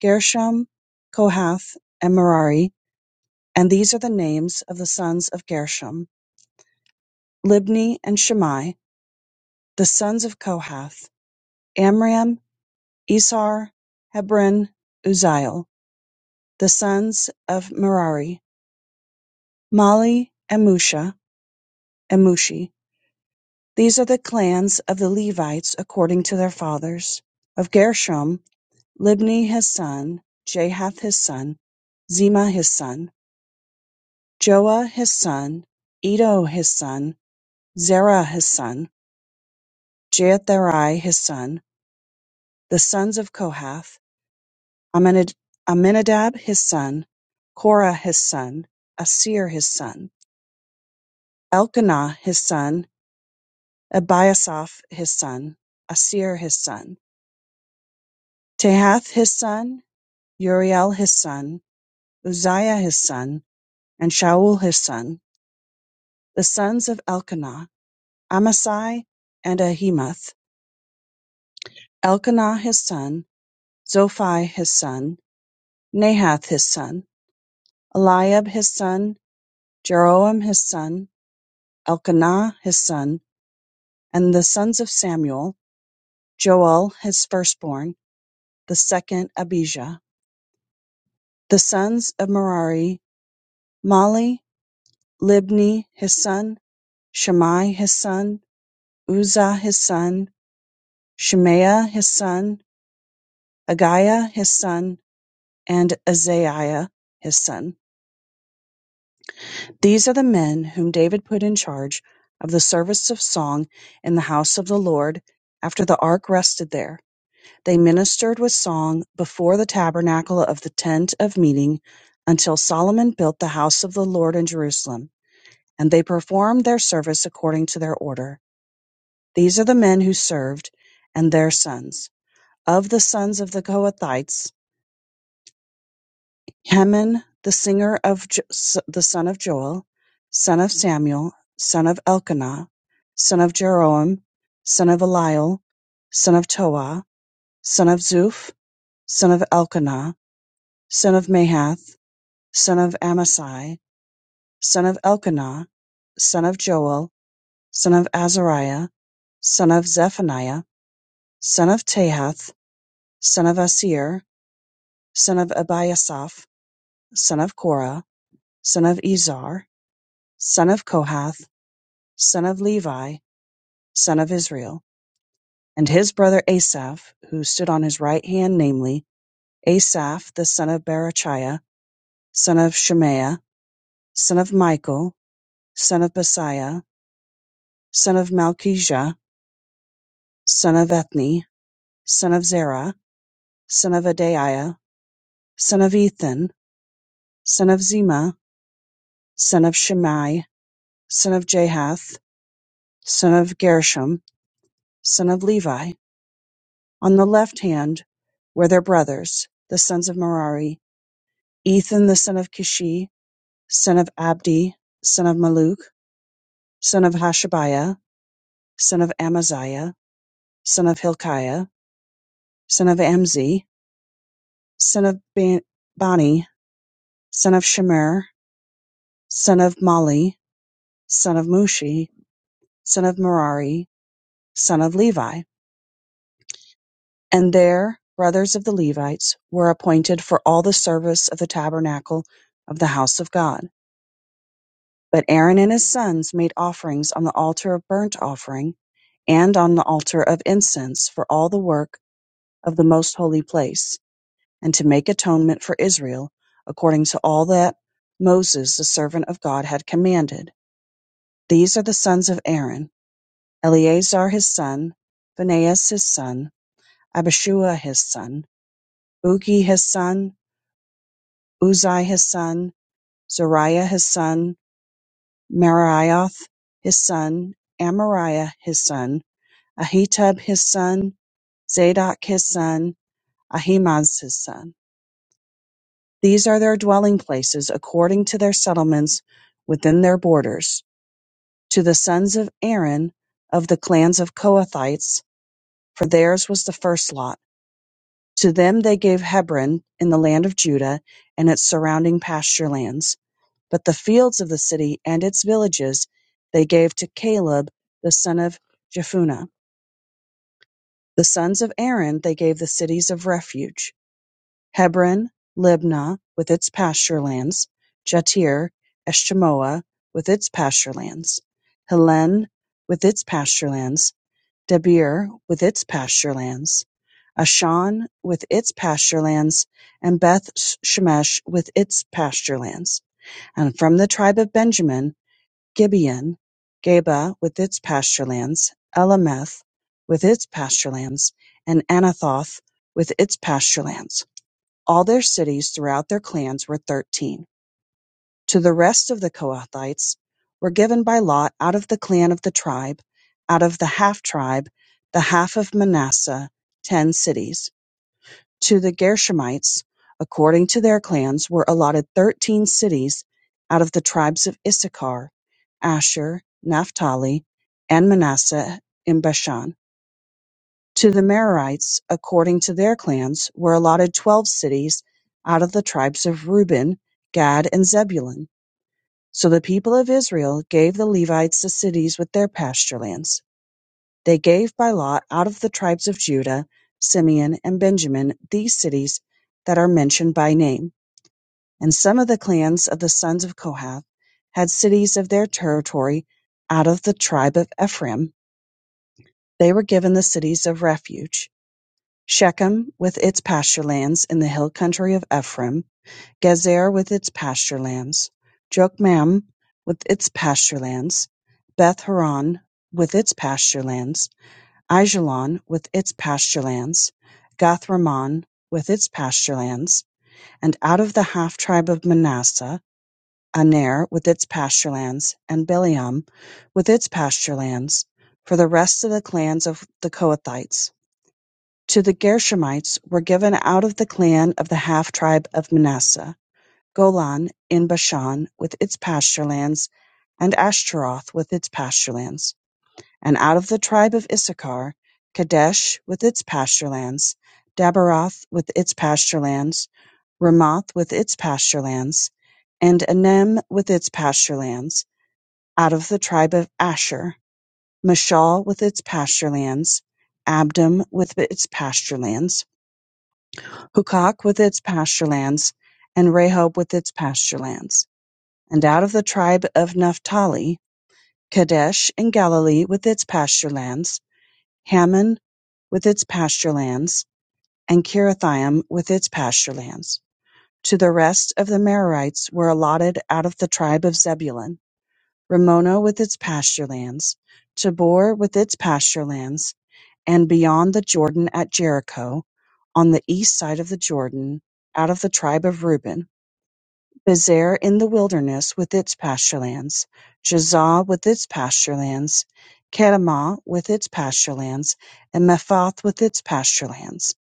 Gershom, Kohath, and Merari; and these are the names of the sons of Gershom: Libni and Shimei, the sons of Kohath: Amram, Izhar, Hebron, Uzziel; the sons of Merari: Mali and Musha, and Mushi. These are the clans of the Levites according to their fathers. Of Gershom: Libni his son, Jahath his son, Zima his son. Joah his son, Iddo his son, Zerah his son, Jeatherai his son, the sons of Kohath, Aminad- Aminadab his son, Korah his son, Asir his son, Elkanah his son, Ebiasaph his son, Asir his son, Tehath his son, Uriel his son, Uzziah his son, and Shaul his son, the sons of Elkanah, Amasai and Ahimath, Elkanah his son, Zophai his son, Nahath his son, Eliab his son, Jeroham his son, Elkanah his son, and the sons of Samuel, Joel his firstborn, the second Abijah. The sons of Merari, Mali, Libni his son, Shammai his son, Uzzah his son, Shemaiah his son, Aggiah his son, and Azariah his son. These are the men whom David put in charge of the service of song in the house of the Lord after the ark rested there. They ministered with song before the tabernacle of the tent of meeting until Solomon built the house of the Lord in Jerusalem, and they performed their service according to their order. These are the men who served and their sons. Of the sons of the Kohathites, Heman, the singer of Jo- s- the son of Joel, son of Samuel, son of Elkanah, son of Jeroam, son of Eliel, son of Toa, son of Zuph, son of Elkanah, son of Mahath, son of Amasai, son of Elkanah, son of Joel, son of Azariah, son of Zephaniah, son of Tahath, son of Asir, son of Abiasaph, son of Korah, son of Izar, son of Kohath, son of Levi, son of Israel, and his brother Asaph, who stood on his right hand, namely, Asaph the son of Barachiah, son of Shemaiah, son of Michael, son of Basiah, son of Malchijah, son of Ethni, son of Zerah, son of Adaiah, son of Ethan, son of Zema, son of Shimei, son of Jahath, son of Gershom, son of Levi. On the left hand were their brothers, the sons of Merari, Ethan the son of Kishi, son of Abdi, son of Maluk, son of Hashabiah, son of Amaziah, son of Hilkiah, son of Amzi, son of Ban- Bani, son of Shemer, son of Mali, son of Mushi, son of Merari, son of Levi. And their brothers of the Levites were appointed for all the service of the tabernacle of the house of God But Aaron and his sons made offerings on the altar of burnt offering and on the altar of incense for all the work of the most holy place, and to make atonement for Israel, according to all that Moses the servant of God had commanded. These are the sons of Aaron Eleazar his son, Phinehas his son, Abishua his son, Buki his son, Uzai his son, Zariah his son, Marioth his son, Amariah his son, Ahitub his son, Zadok his son, Ahimaaz his son. These are their dwelling places according to their settlements within their borders, to the sons of Aaron of the clans of Kohathites, for theirs was the first lot. To them they gave Hebron in the land of Judah and its surrounding pasture lands, but the fields of the city and its villages they gave to Caleb the son of Jephunneh. The sons of Aaron they gave the cities of refuge Hebron, Libnah with its pasture lands, Jattir, Eshtemoa with its pasture lands, Helene with its pasture lands, Debir with its pasture lands, Ashan with its pasture lands, and Beth Shemesh with its pasture lands. And from the tribe of Benjamin, Gibeon, Geba with its pasture lands, Elameth with its pasture lands, and Anathoth with its pasture lands. All their cities throughout their clans were thirteen. To the rest of the Kohathites were given by lot out of the clan of the tribe, out of the half tribe, the half of Manasseh, ten cities. To the Gershonites, according to their clans, were allotted thirteen cities out of the tribes of Issachar, Asher, Naphtali, and Manasseh in Bashan. To the Merarites, according to their clans, were allotted twelve cities out of the tribes of Reuben, Gad, and Zebulun. So the people of Israel gave the Levites the cities with their pasture lands. They gave by lot out of the tribes of Judah, Simeon, and Benjamin these cities that are mentioned by name. And some of the clans of the sons of Kohath had cities of their territory out of the tribe of Ephraim. They were given the cities of refuge. Shechem with its pasturelands in the hill country of Ephraim, Gezer with its pasturelands, Jokmeam with its pasturelands, Beth horon with its pasturelands, Aijalon with its pasturelands, Gath Gathrimmon with its pasturelands, and out of the half tribe of Manasseh, Aner with its pasturelands, and Bileam with its pasturelands, for the rest of the clans of the Kohathites. To the Gershomites were given out of the clan of the half-tribe of Manasseh, Golan in Bashan with its pasturelands, and Ashtaroth with its pasturelands; and out of the tribe of Issachar, Kadesh with its pasturelands, Daberoth with its pasturelands, Ramoth with its pasturelands, and Anem with its pasturelands; out of the tribe of Asher, Mashal with its pasturelands, Abdon with its pasturelands. Hukok with its pasturelands, and Rehob with its pasturelands; and out of the tribe of Naphtali, Kadesh in Galilee with its pasturelands, Hammon with its pasturelands, and Kirithaim with its pasturelands. To the rest of the Merarites were allotted out of the tribe of Zebulun, Ramona with its pasturelands, Tabor with its pasturelands, and beyond the Jordan at Jericho, on the east side of the Jordan, out of the tribe of Reuben. Bezer in the wilderness with its pasturelands, Jazah with its pasturelands, Kedemah with its pasturelands, and Mephath with its pasturelands;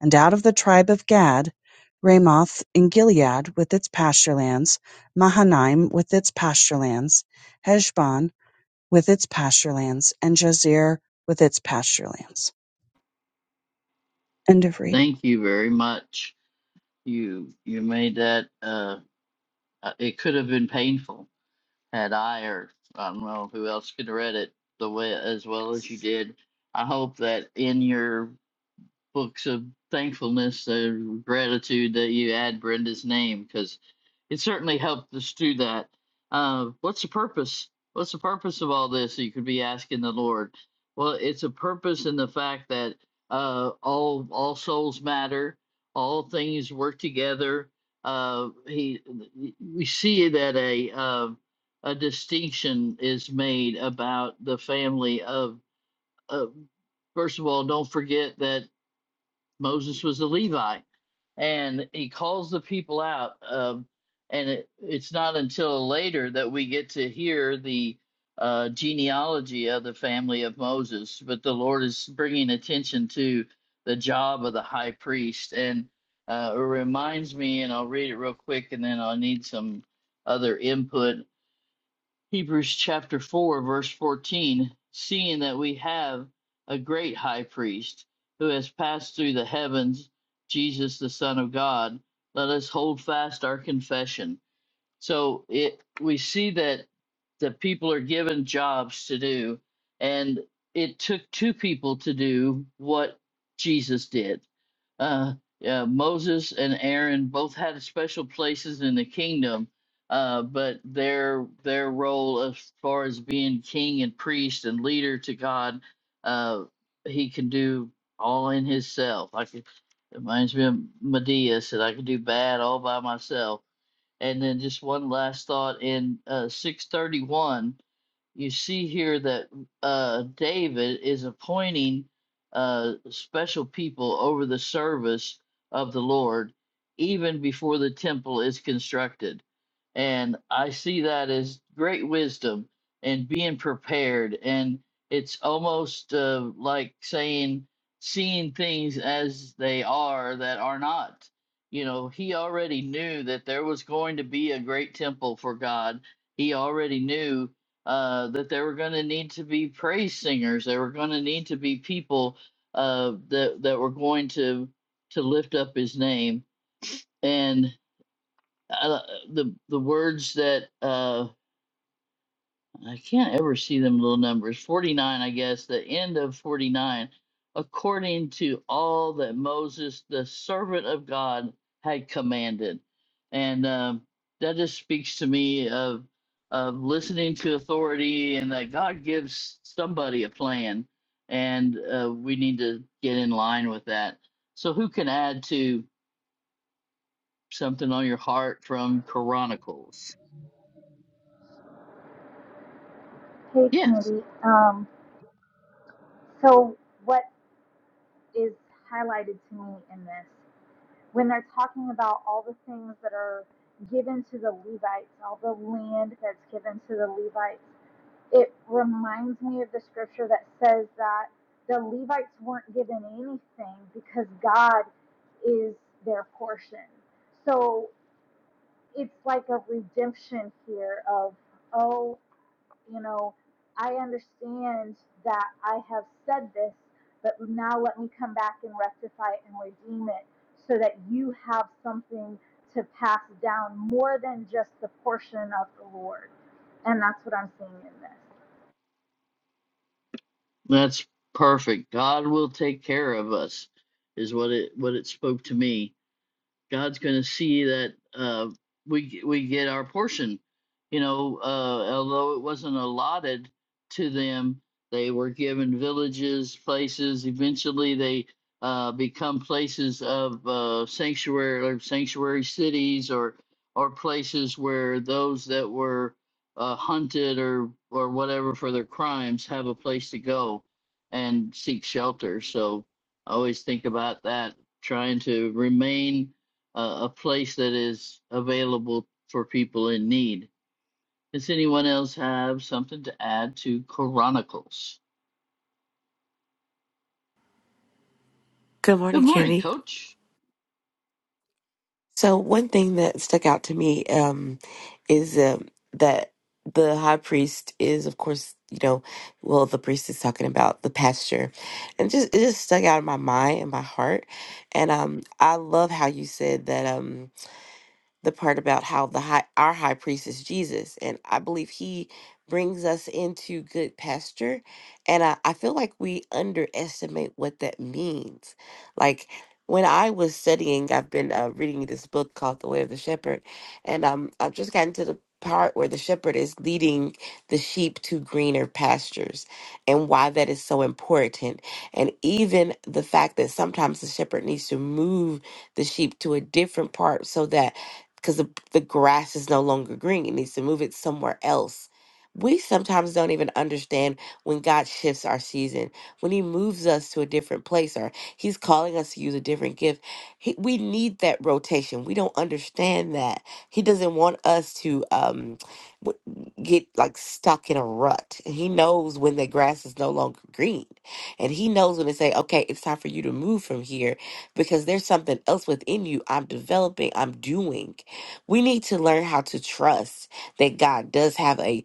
and out of the tribe of Gad, Ramoth in Gilead with its pasturelands, Mahanaim with its pasturelands, Heshbon with its pasturelands, and Jazer with its pasturelands. End of reading. Thank you very much. You you made that. Uh, uh, it could have been painful had I or I don't know who else could have read it the way as well as you did. I hope that in your books of thankfulness or gratitude that you add Brenda's name because it certainly helped us do that. Uh, what's the purpose? What's the purpose of all this? You could be asking the Lord. Well, it's a purpose in the fact that uh, all all souls matter. All things work together. Uh, he, we see that a uh, a distinction is made about the family of. of first of all, don't forget that Moses was a Levite, and he calls the people out. Um, and it, it's not until later that we get to hear the uh, genealogy of the family of Moses. But the Lord is bringing attention to the job of the high priest, and uh, it reminds me. And I'll read it real quick, and then I'll need some other input Hebrews chapter 4, verse 14 Seeing that we have a great high priest who has passed through the heavens, Jesus, the Son of God, let us hold fast our confession. So it we see that the people are given jobs to do, and it took two people to do what Jesus did. Uh, uh, Moses and Aaron both had special places in the kingdom, uh, but their their role as far as being king and priest and leader to God, uh, he can do all in himself. Like it reminds me of Medea said, "I can do bad all by myself." And then just one last thought in uh, 631 you see here that uh, David is appointing uh, special people over the service of the Lord even before the temple is constructed. And I see that as great wisdom and being prepared. And it's almost uh, like saying, seeing things as they are that are not. You know, he already knew that there was going to be a great temple for God. He already knew uh, that there were going to need to be praise singers. There were going to need to be people uh, that that were going to to lift up His name. And uh, the the words that uh, I can't ever see them little numbers. 49, I guess, the end of 49. According to all that Moses, the servant of God, had commanded. And um, that just speaks to me of, of listening to authority and that God gives somebody a plan. And uh, we need to get in line with that. So, who can add to something on your heart from Chronicles? Hey, Yes. Candy. Um, so, what is highlighted to me in this? When they're talking about all the things that are given to the Levites, all the land that's given to the Levites, it reminds me of the scripture that says that the Levites weren't given anything because God is their portion. So, it's like a redemption here of oh you know i understand that i have said this but now let me come back and rectify it and redeem it so that you have something to pass down more than just the portion of the lord and that's what i'm seeing in this That's perfect. God will take care of us is what it what it spoke to me. God's going to see that uh, we we get our portion. You know, uh, although it wasn't allotted to them, they were given villages, places. Eventually, they uh, become places of uh, sanctuary or sanctuary cities, or or places where those that were uh, hunted or or whatever for their crimes have a place to go and seek shelter. So I always think about that, trying to remain a, a place that is available for people in need. Does anyone else have something to add to Chronicles? Good Good morning, morning, Candy. Coach. So one thing that stuck out to me um, is um, that the high priest is, of course, you know, well, the priest is talking about the pasture, and just it just stuck out in my mind and my heart. And um, I love how you said that. Um, the part about how the high, our high priest is Jesus. And I believe he brings us into good pasture. And I, I feel like we underestimate what that means. Like when I was studying, I've been uh, reading this book called The Way of the Shepherd. And um, I've just gotten to the part where the shepherd is leading the sheep to greener pastures and why that is so important. And even the fact that sometimes the shepherd needs to move the sheep to a different part so that because the, the grass is no longer green. It needs to move it somewhere else. We sometimes don't even understand when God shifts our season, when He moves us to a different place or He's calling us to use a different gift. He, we need that rotation. We don't understand that. He doesn't want us to um, w- get like stuck in a rut. He knows when the grass is no longer green. And He knows when to say, okay, it's time for you to move from here because there's something else within you I'm developing, I'm doing. We need to learn how to trust that God does have a,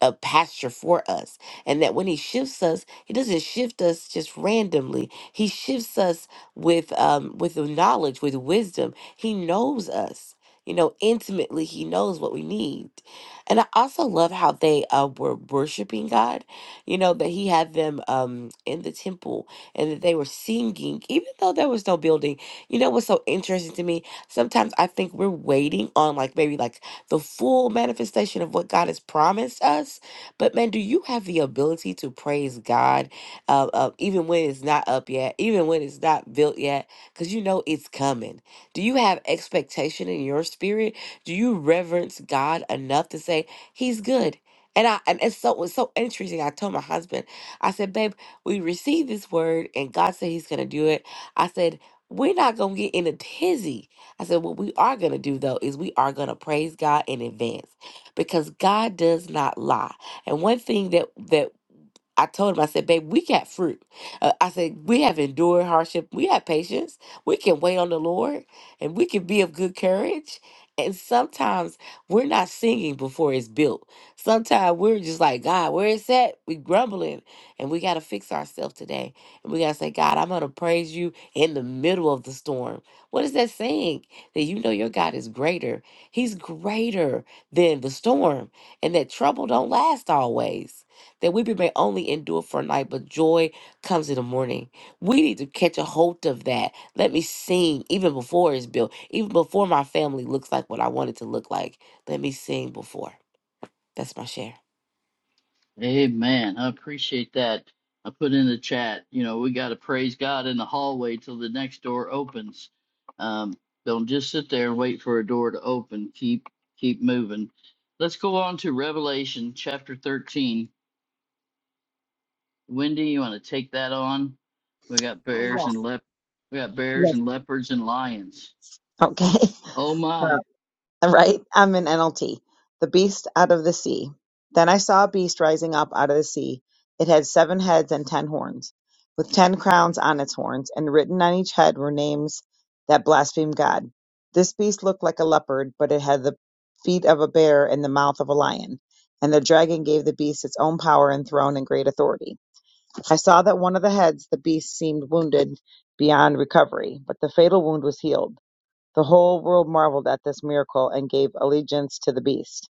a pasture for us and that when He shifts us, He doesn't shift us just randomly. He shifts us with um, with knowledge, with wisdom. He knows us. You know, intimately, he knows what we need. And I also love how they uh, were worshiping God, you know, that he had them um, in the temple and that they were singing, even though there was no building. You know what's so interesting to me? Sometimes I think we're waiting on like maybe like the full manifestation of what God has promised us. But man, do you have the ability to praise God uh, uh, even when it's not up yet, even when it's not built yet? Because you know it's coming. Do you have expectation in your spirit? Do you reverence God enough to say He's good? And I and it's so it's so interesting. I told my husband, I said, babe, we received this word and God said He's gonna do it. I said, we're not gonna get in a tizzy I said, what we are going to do though is we are going to praise God in advance because God does not lie. And one thing that that I told him, I said, babe, we got fruit. Uh, I said, we have endured hardship. We have patience. We can wait on the Lord and we can be of good courage. And sometimes we're not singing before it's built. Sometimes we're just like, God, where is that? We grumbling and we got to fix ourselves today. And we got to say, God, I'm going to praise you in the middle of the storm. What is that saying? That you know your God is greater. He's greater than the storm and that trouble don't last always that weeping may only endure for a night, but joy comes in the morning. We need to catch a hold of that. Let me sing even before it's built, even before my family looks like what I want it to look like. Let me sing before. That's my share. Amen. I appreciate that. I put in the chat, you know, we got to praise God in the hallway till the next door opens. Um, don't just sit there and wait for a door to open. Keep keep moving. Let's go on to Revelation chapter 13. Wendy, you want to take that on? We got Uh, bears yes, and lep we got bears yes. and leopards and lions. Okay. Oh my. Wow. Right? I'm in NLT. The beast out of the sea. Then I saw a beast rising up out of the sea. It had seven heads and ten horns, with ten crowns on its horns, and written on each head were names that blaspheme God. This beast looked like a leopard, but it had the feet of a bear and the mouth of a lion. And the dragon gave the beast its own power and throne and great authority. I saw that one of the heads, the beast, seemed wounded beyond recovery, but the fatal wound was healed. The whole world marveled at this miracle and gave allegiance to the beast.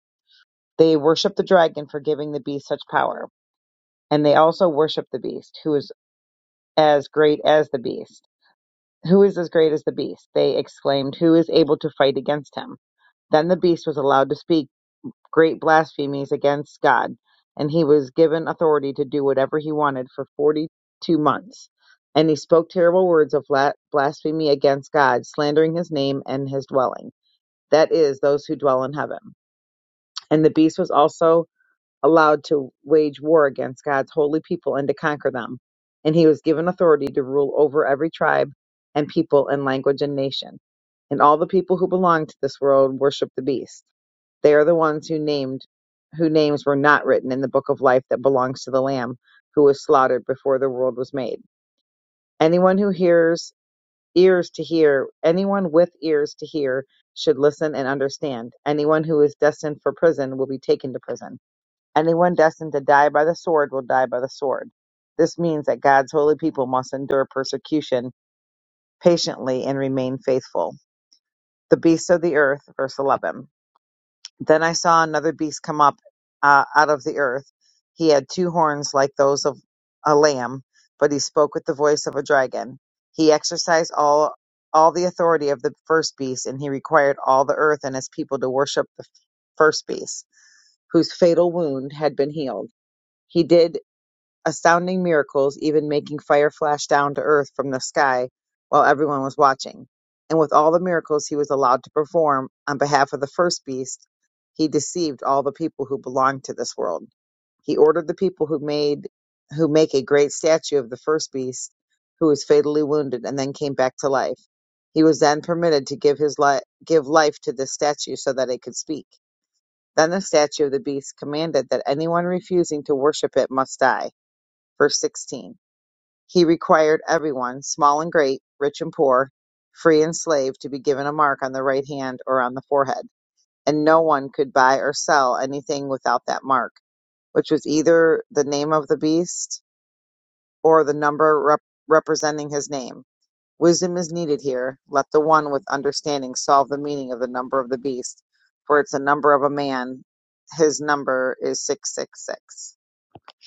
They worshiped the dragon for giving the beast such power, and they also worshiped the beast, who is as great as the beast. Who is as great as the beast? They exclaimed, Who is able to fight against him? Then the beast was allowed to speak great blasphemies against God, and he was given authority to do whatever he wanted for 42 months. And he spoke terrible words of blasphemy against God, slandering his name and his dwelling. that is, those who dwell in heaven. And the beast was also allowed to wage war against God's holy people and to conquer them. And he was given authority to rule over every tribe and people and language and nation. And all the people who belong to this world worship the beast. They are the ones who named whose names were not written in the book of life that belongs to the Lamb who was slaughtered before the world was made. Anyone who hears ears to hear, anyone with ears to hear should listen and understand. Anyone who is destined for prison will be taken to prison. Anyone destined to die by the sword will die by the sword. This means that God's holy people must endure persecution patiently and remain faithful. The beasts of the earth, verse 11. Then I saw another beast come up uh, out of the earth. He had two horns like those of a lamb, but he spoke with the voice of a dragon. He exercised all all the authority of the first beast, and he required all the earth and its people to worship the first beast, whose fatal wound had been healed. He did astounding miracles, even making fire flash down to earth from the sky while everyone was watching. And with all the miracles he was allowed to perform on behalf of the first beast, he deceived all the people who belonged to this world. He ordered the people who made who make a great statue of the first beast who was fatally wounded and then came back to life. He was then permitted to give his li- give life to this statue so that it could speak. Then the statue of the beast commanded that anyone refusing to worship it must die. Verse 16 He required everyone, small and great, rich and poor, free and slave, to be given a mark on the right hand or on the forehead. And no one could buy or sell anything without that mark, which was either the name of the beast or the number rep- representing his name. Wisdom is needed here. Let the one with understanding solve the meaning of the number of the beast, for it's a number of a man. His number is 666.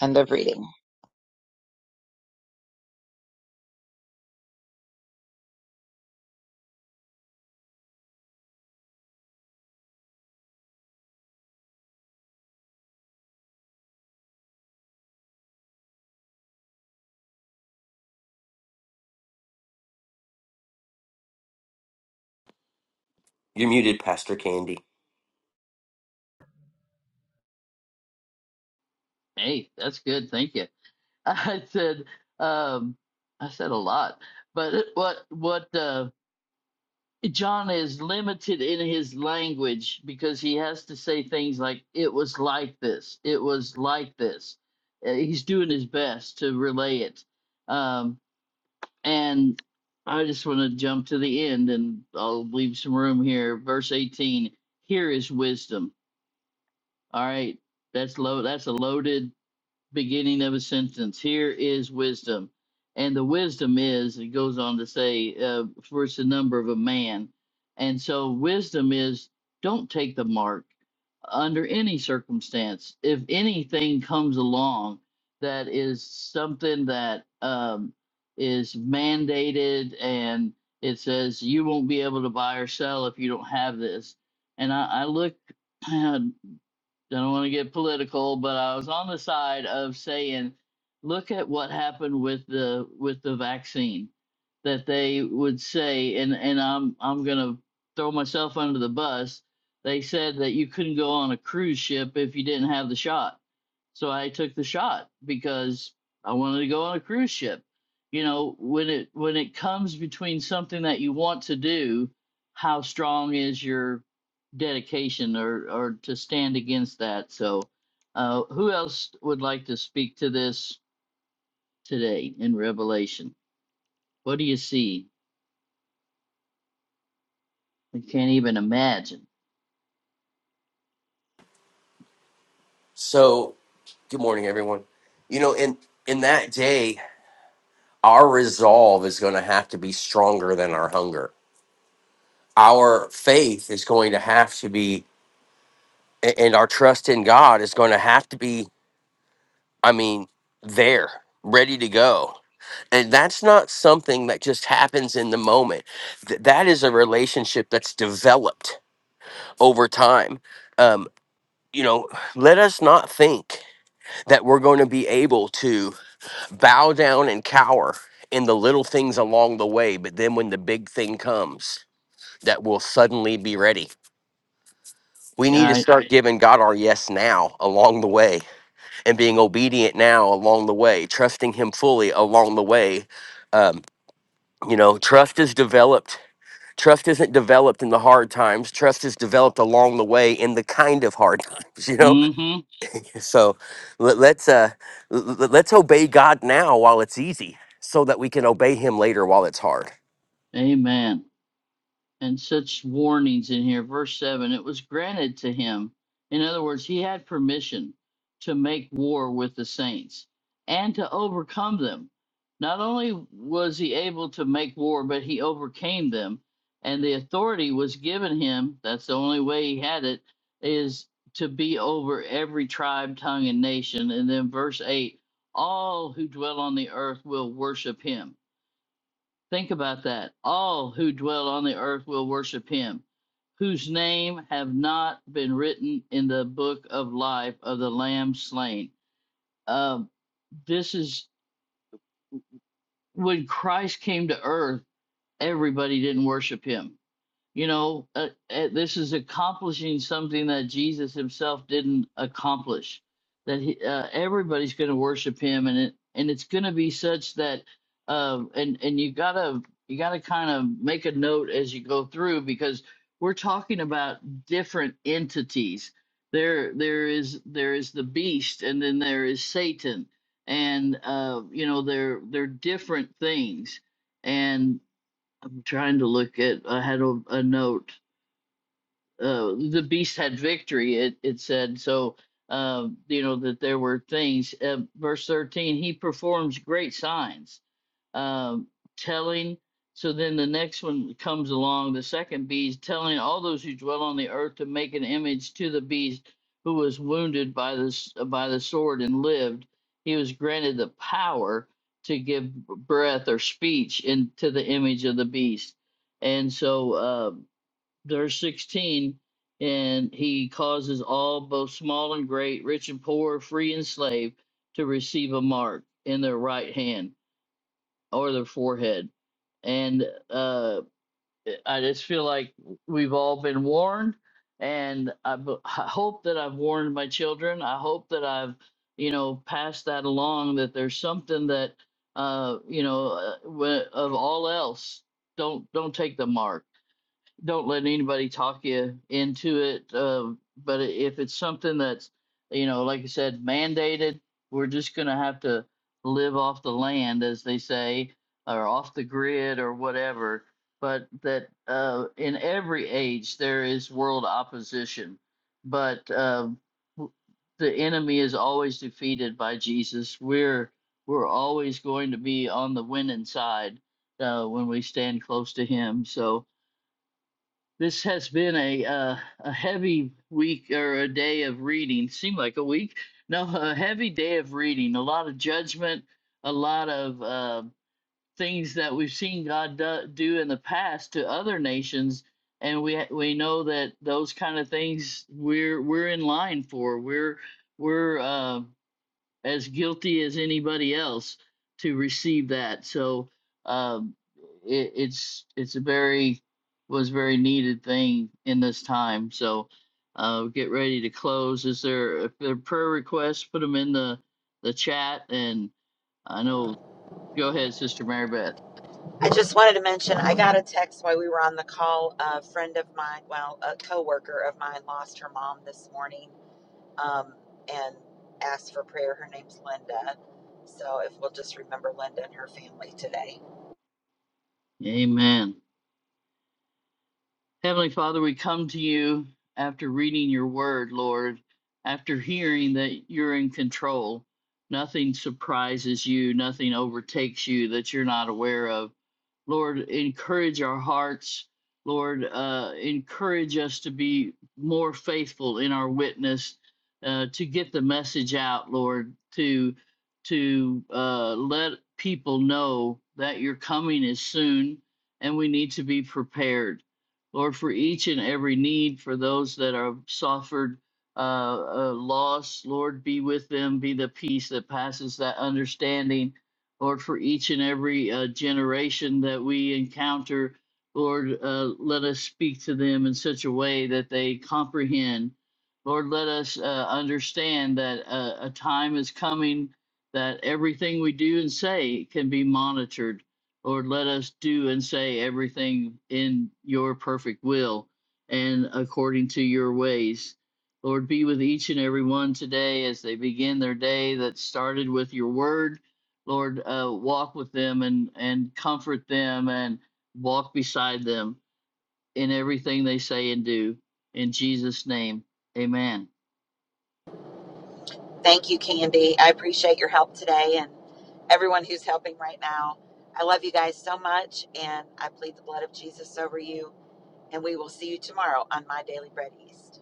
End of reading. You're muted, Pastor Candy. Hey, that's good. Thank you. I said um I said a lot. But what what uh John is limited in his language because he has to say things like it was like this. It was like this. Uh, He's doing his best to relay it. Um And I just want to jump to the end and I'll leave some room here. Verse 18 here is wisdom. All right. That's low. That's a loaded beginning of a sentence. Here is wisdom. And the wisdom is, it goes on to say, uh, for it's the number of a man. And so wisdom is don't take the mark under any circumstance. If anything comes along that is something that um, is mandated and it says you won't be able to buy or sell if you don't have this. And I, I look don't want to get political, but I was on the side of saying, look at what happened with the with the vaccine that they would say, and and I'm I'm gonna throw myself under the bus. They said that you couldn't go on a cruise ship if you didn't have the shot so I took the shot because I wanted to go on a cruise ship. You know, when it when it comes between something that you want to do, how strong is your dedication or or to stand against that? So, uh, who else would like to speak to this today in Revelation? What do you see? I can't even imagine. So, good morning, everyone. You know, in in that day, our resolve is going to have to be stronger than our hunger. Our faith is going to have to be, a- and our trust in God is going to have to be. I mean, there, ready to go. And that's not something that just happens in the moment. Th- that is a relationship that's developed over time. Um, you know, let us not think that we're going to be able to bow down and cower in the little things along the way, but then when the big thing comes, that will suddenly be ready. We Yeah. need to I, start Right. giving God our yes now along the way and being obedient now along the way, trusting Him fully along the way. Um, you know, trust is developed. Trust isn't developed in the hard times. Trust is developed along the way in the kind of hard times, you know? mm-hmm. So let, let's uh, l- l- let's obey God now while it's easy, so that we can obey Him later while it's hard. Amen. and such warnings in here. Verse 7 it was granted to him. In other words, he had permission to make war with the saints and to overcome them. Not only was he able to make war, but he overcame them. And the authority was given him, that's the only way he had it, is to be over every tribe, tongue, and nation. And then verse 8 all who dwell on the earth will worship him Think about that. All who dwell on the earth will worship him, whose name have not been written in the book of life of the Lamb slain. Um, this is when Christ came to earth, everybody didn't worship him You know, uh, uh, this is accomplishing something that Jesus himself didn't accomplish. That he, uh, everybody's going to worship him, and it, and it's going to be such that, uh, and and you gotta you gotta kind of make a note as you go through because we're talking about different entities. There there is there is the beast, and then there is Satan, and uh, you know they're they're different things. And I'm trying to look at I had a, a note uh, the beast had victory. It it said so. Um, you know that there were things. Uh, verse thirteen, he performs great signs, um, telling. So then the next one comes along. The second beast telling all those who dwell on the earth to make an image to the beast who was wounded by the s- by the sword and lived. He was granted the power to give breath or speech into the image of the beast and so uh, verse 16 and he causes all both small and great rich and poor free and slave to receive a mark in their right hand or their forehead and uh, i just feel like we've all been warned and I, b- I hope that i've warned my children i hope that i've you know passed that along that there's something that uh, you know uh, wh- of all else don't don't take the mark don't let anybody talk you into it. Uh, but if it's something that's, you know, like I said, mandated, we're just going to have to live off the land, as they say, or off the grid or whatever. But that uh, in every age, there is world opposition. But uh, w- the enemy is always defeated by Jesus. We're we're always going to be on the winning side uh, when we stand close to Him. So this has been a uh, a heavy week or a day of reading. Seemed like a week. No, a heavy day of reading. A lot of judgment. A lot of uh, things that we've seen God do, do in the past to other nations, and we we know that those kind of things we're we're in line for. We're we're uh, as guilty as anybody else to receive that. So um, it, it's it's a very was very needed thing in this time. So uh, get ready to close. Is there if there are prayer requests? Put them in the the chat, and I know. Go ahead, Sister Mary Beth. I just wanted to mention I got a text while we were on the call. A friend of mine, well, a coworker of mine, lost her mom this morning um, and asked for prayer. Her name's Linda. So if we'll just remember Linda and her family today. Amen. Heavenly Father, we come to you after reading your word, Lord, after hearing that you're in control. Nothing surprises you, nothing overtakes you that you're not aware of. Lord, encourage our hearts. Lord, uh, encourage us to be more faithful in our witness, uh, to get the message out, Lord, to to uh, let people know that your coming is soon, and we need to be prepared. Lord, for each and every need, for those that are suffered uh, uh, loss, Lord, be with them, be the peace that passes that understanding. Lord, for each and every uh, generation that we encounter, Lord, uh, let us speak to them in such a way that they comprehend. Lord, let us uh, understand that uh, a time is coming that everything we do and say can be monitored. Lord, let us do and say everything in your perfect will and according to your ways. Lord, be with each and every one today as they begin their day that started with your word. Lord, uh, walk with them and, and comfort them and walk beside them in everything they say and do. In Jesus' name, amen. Thank you, Candy. I appreciate your help today and everyone who's helping right now. I love you guys so much, and I plead the blood of Jesus over you and we will see you tomorrow on My Daily Bread East.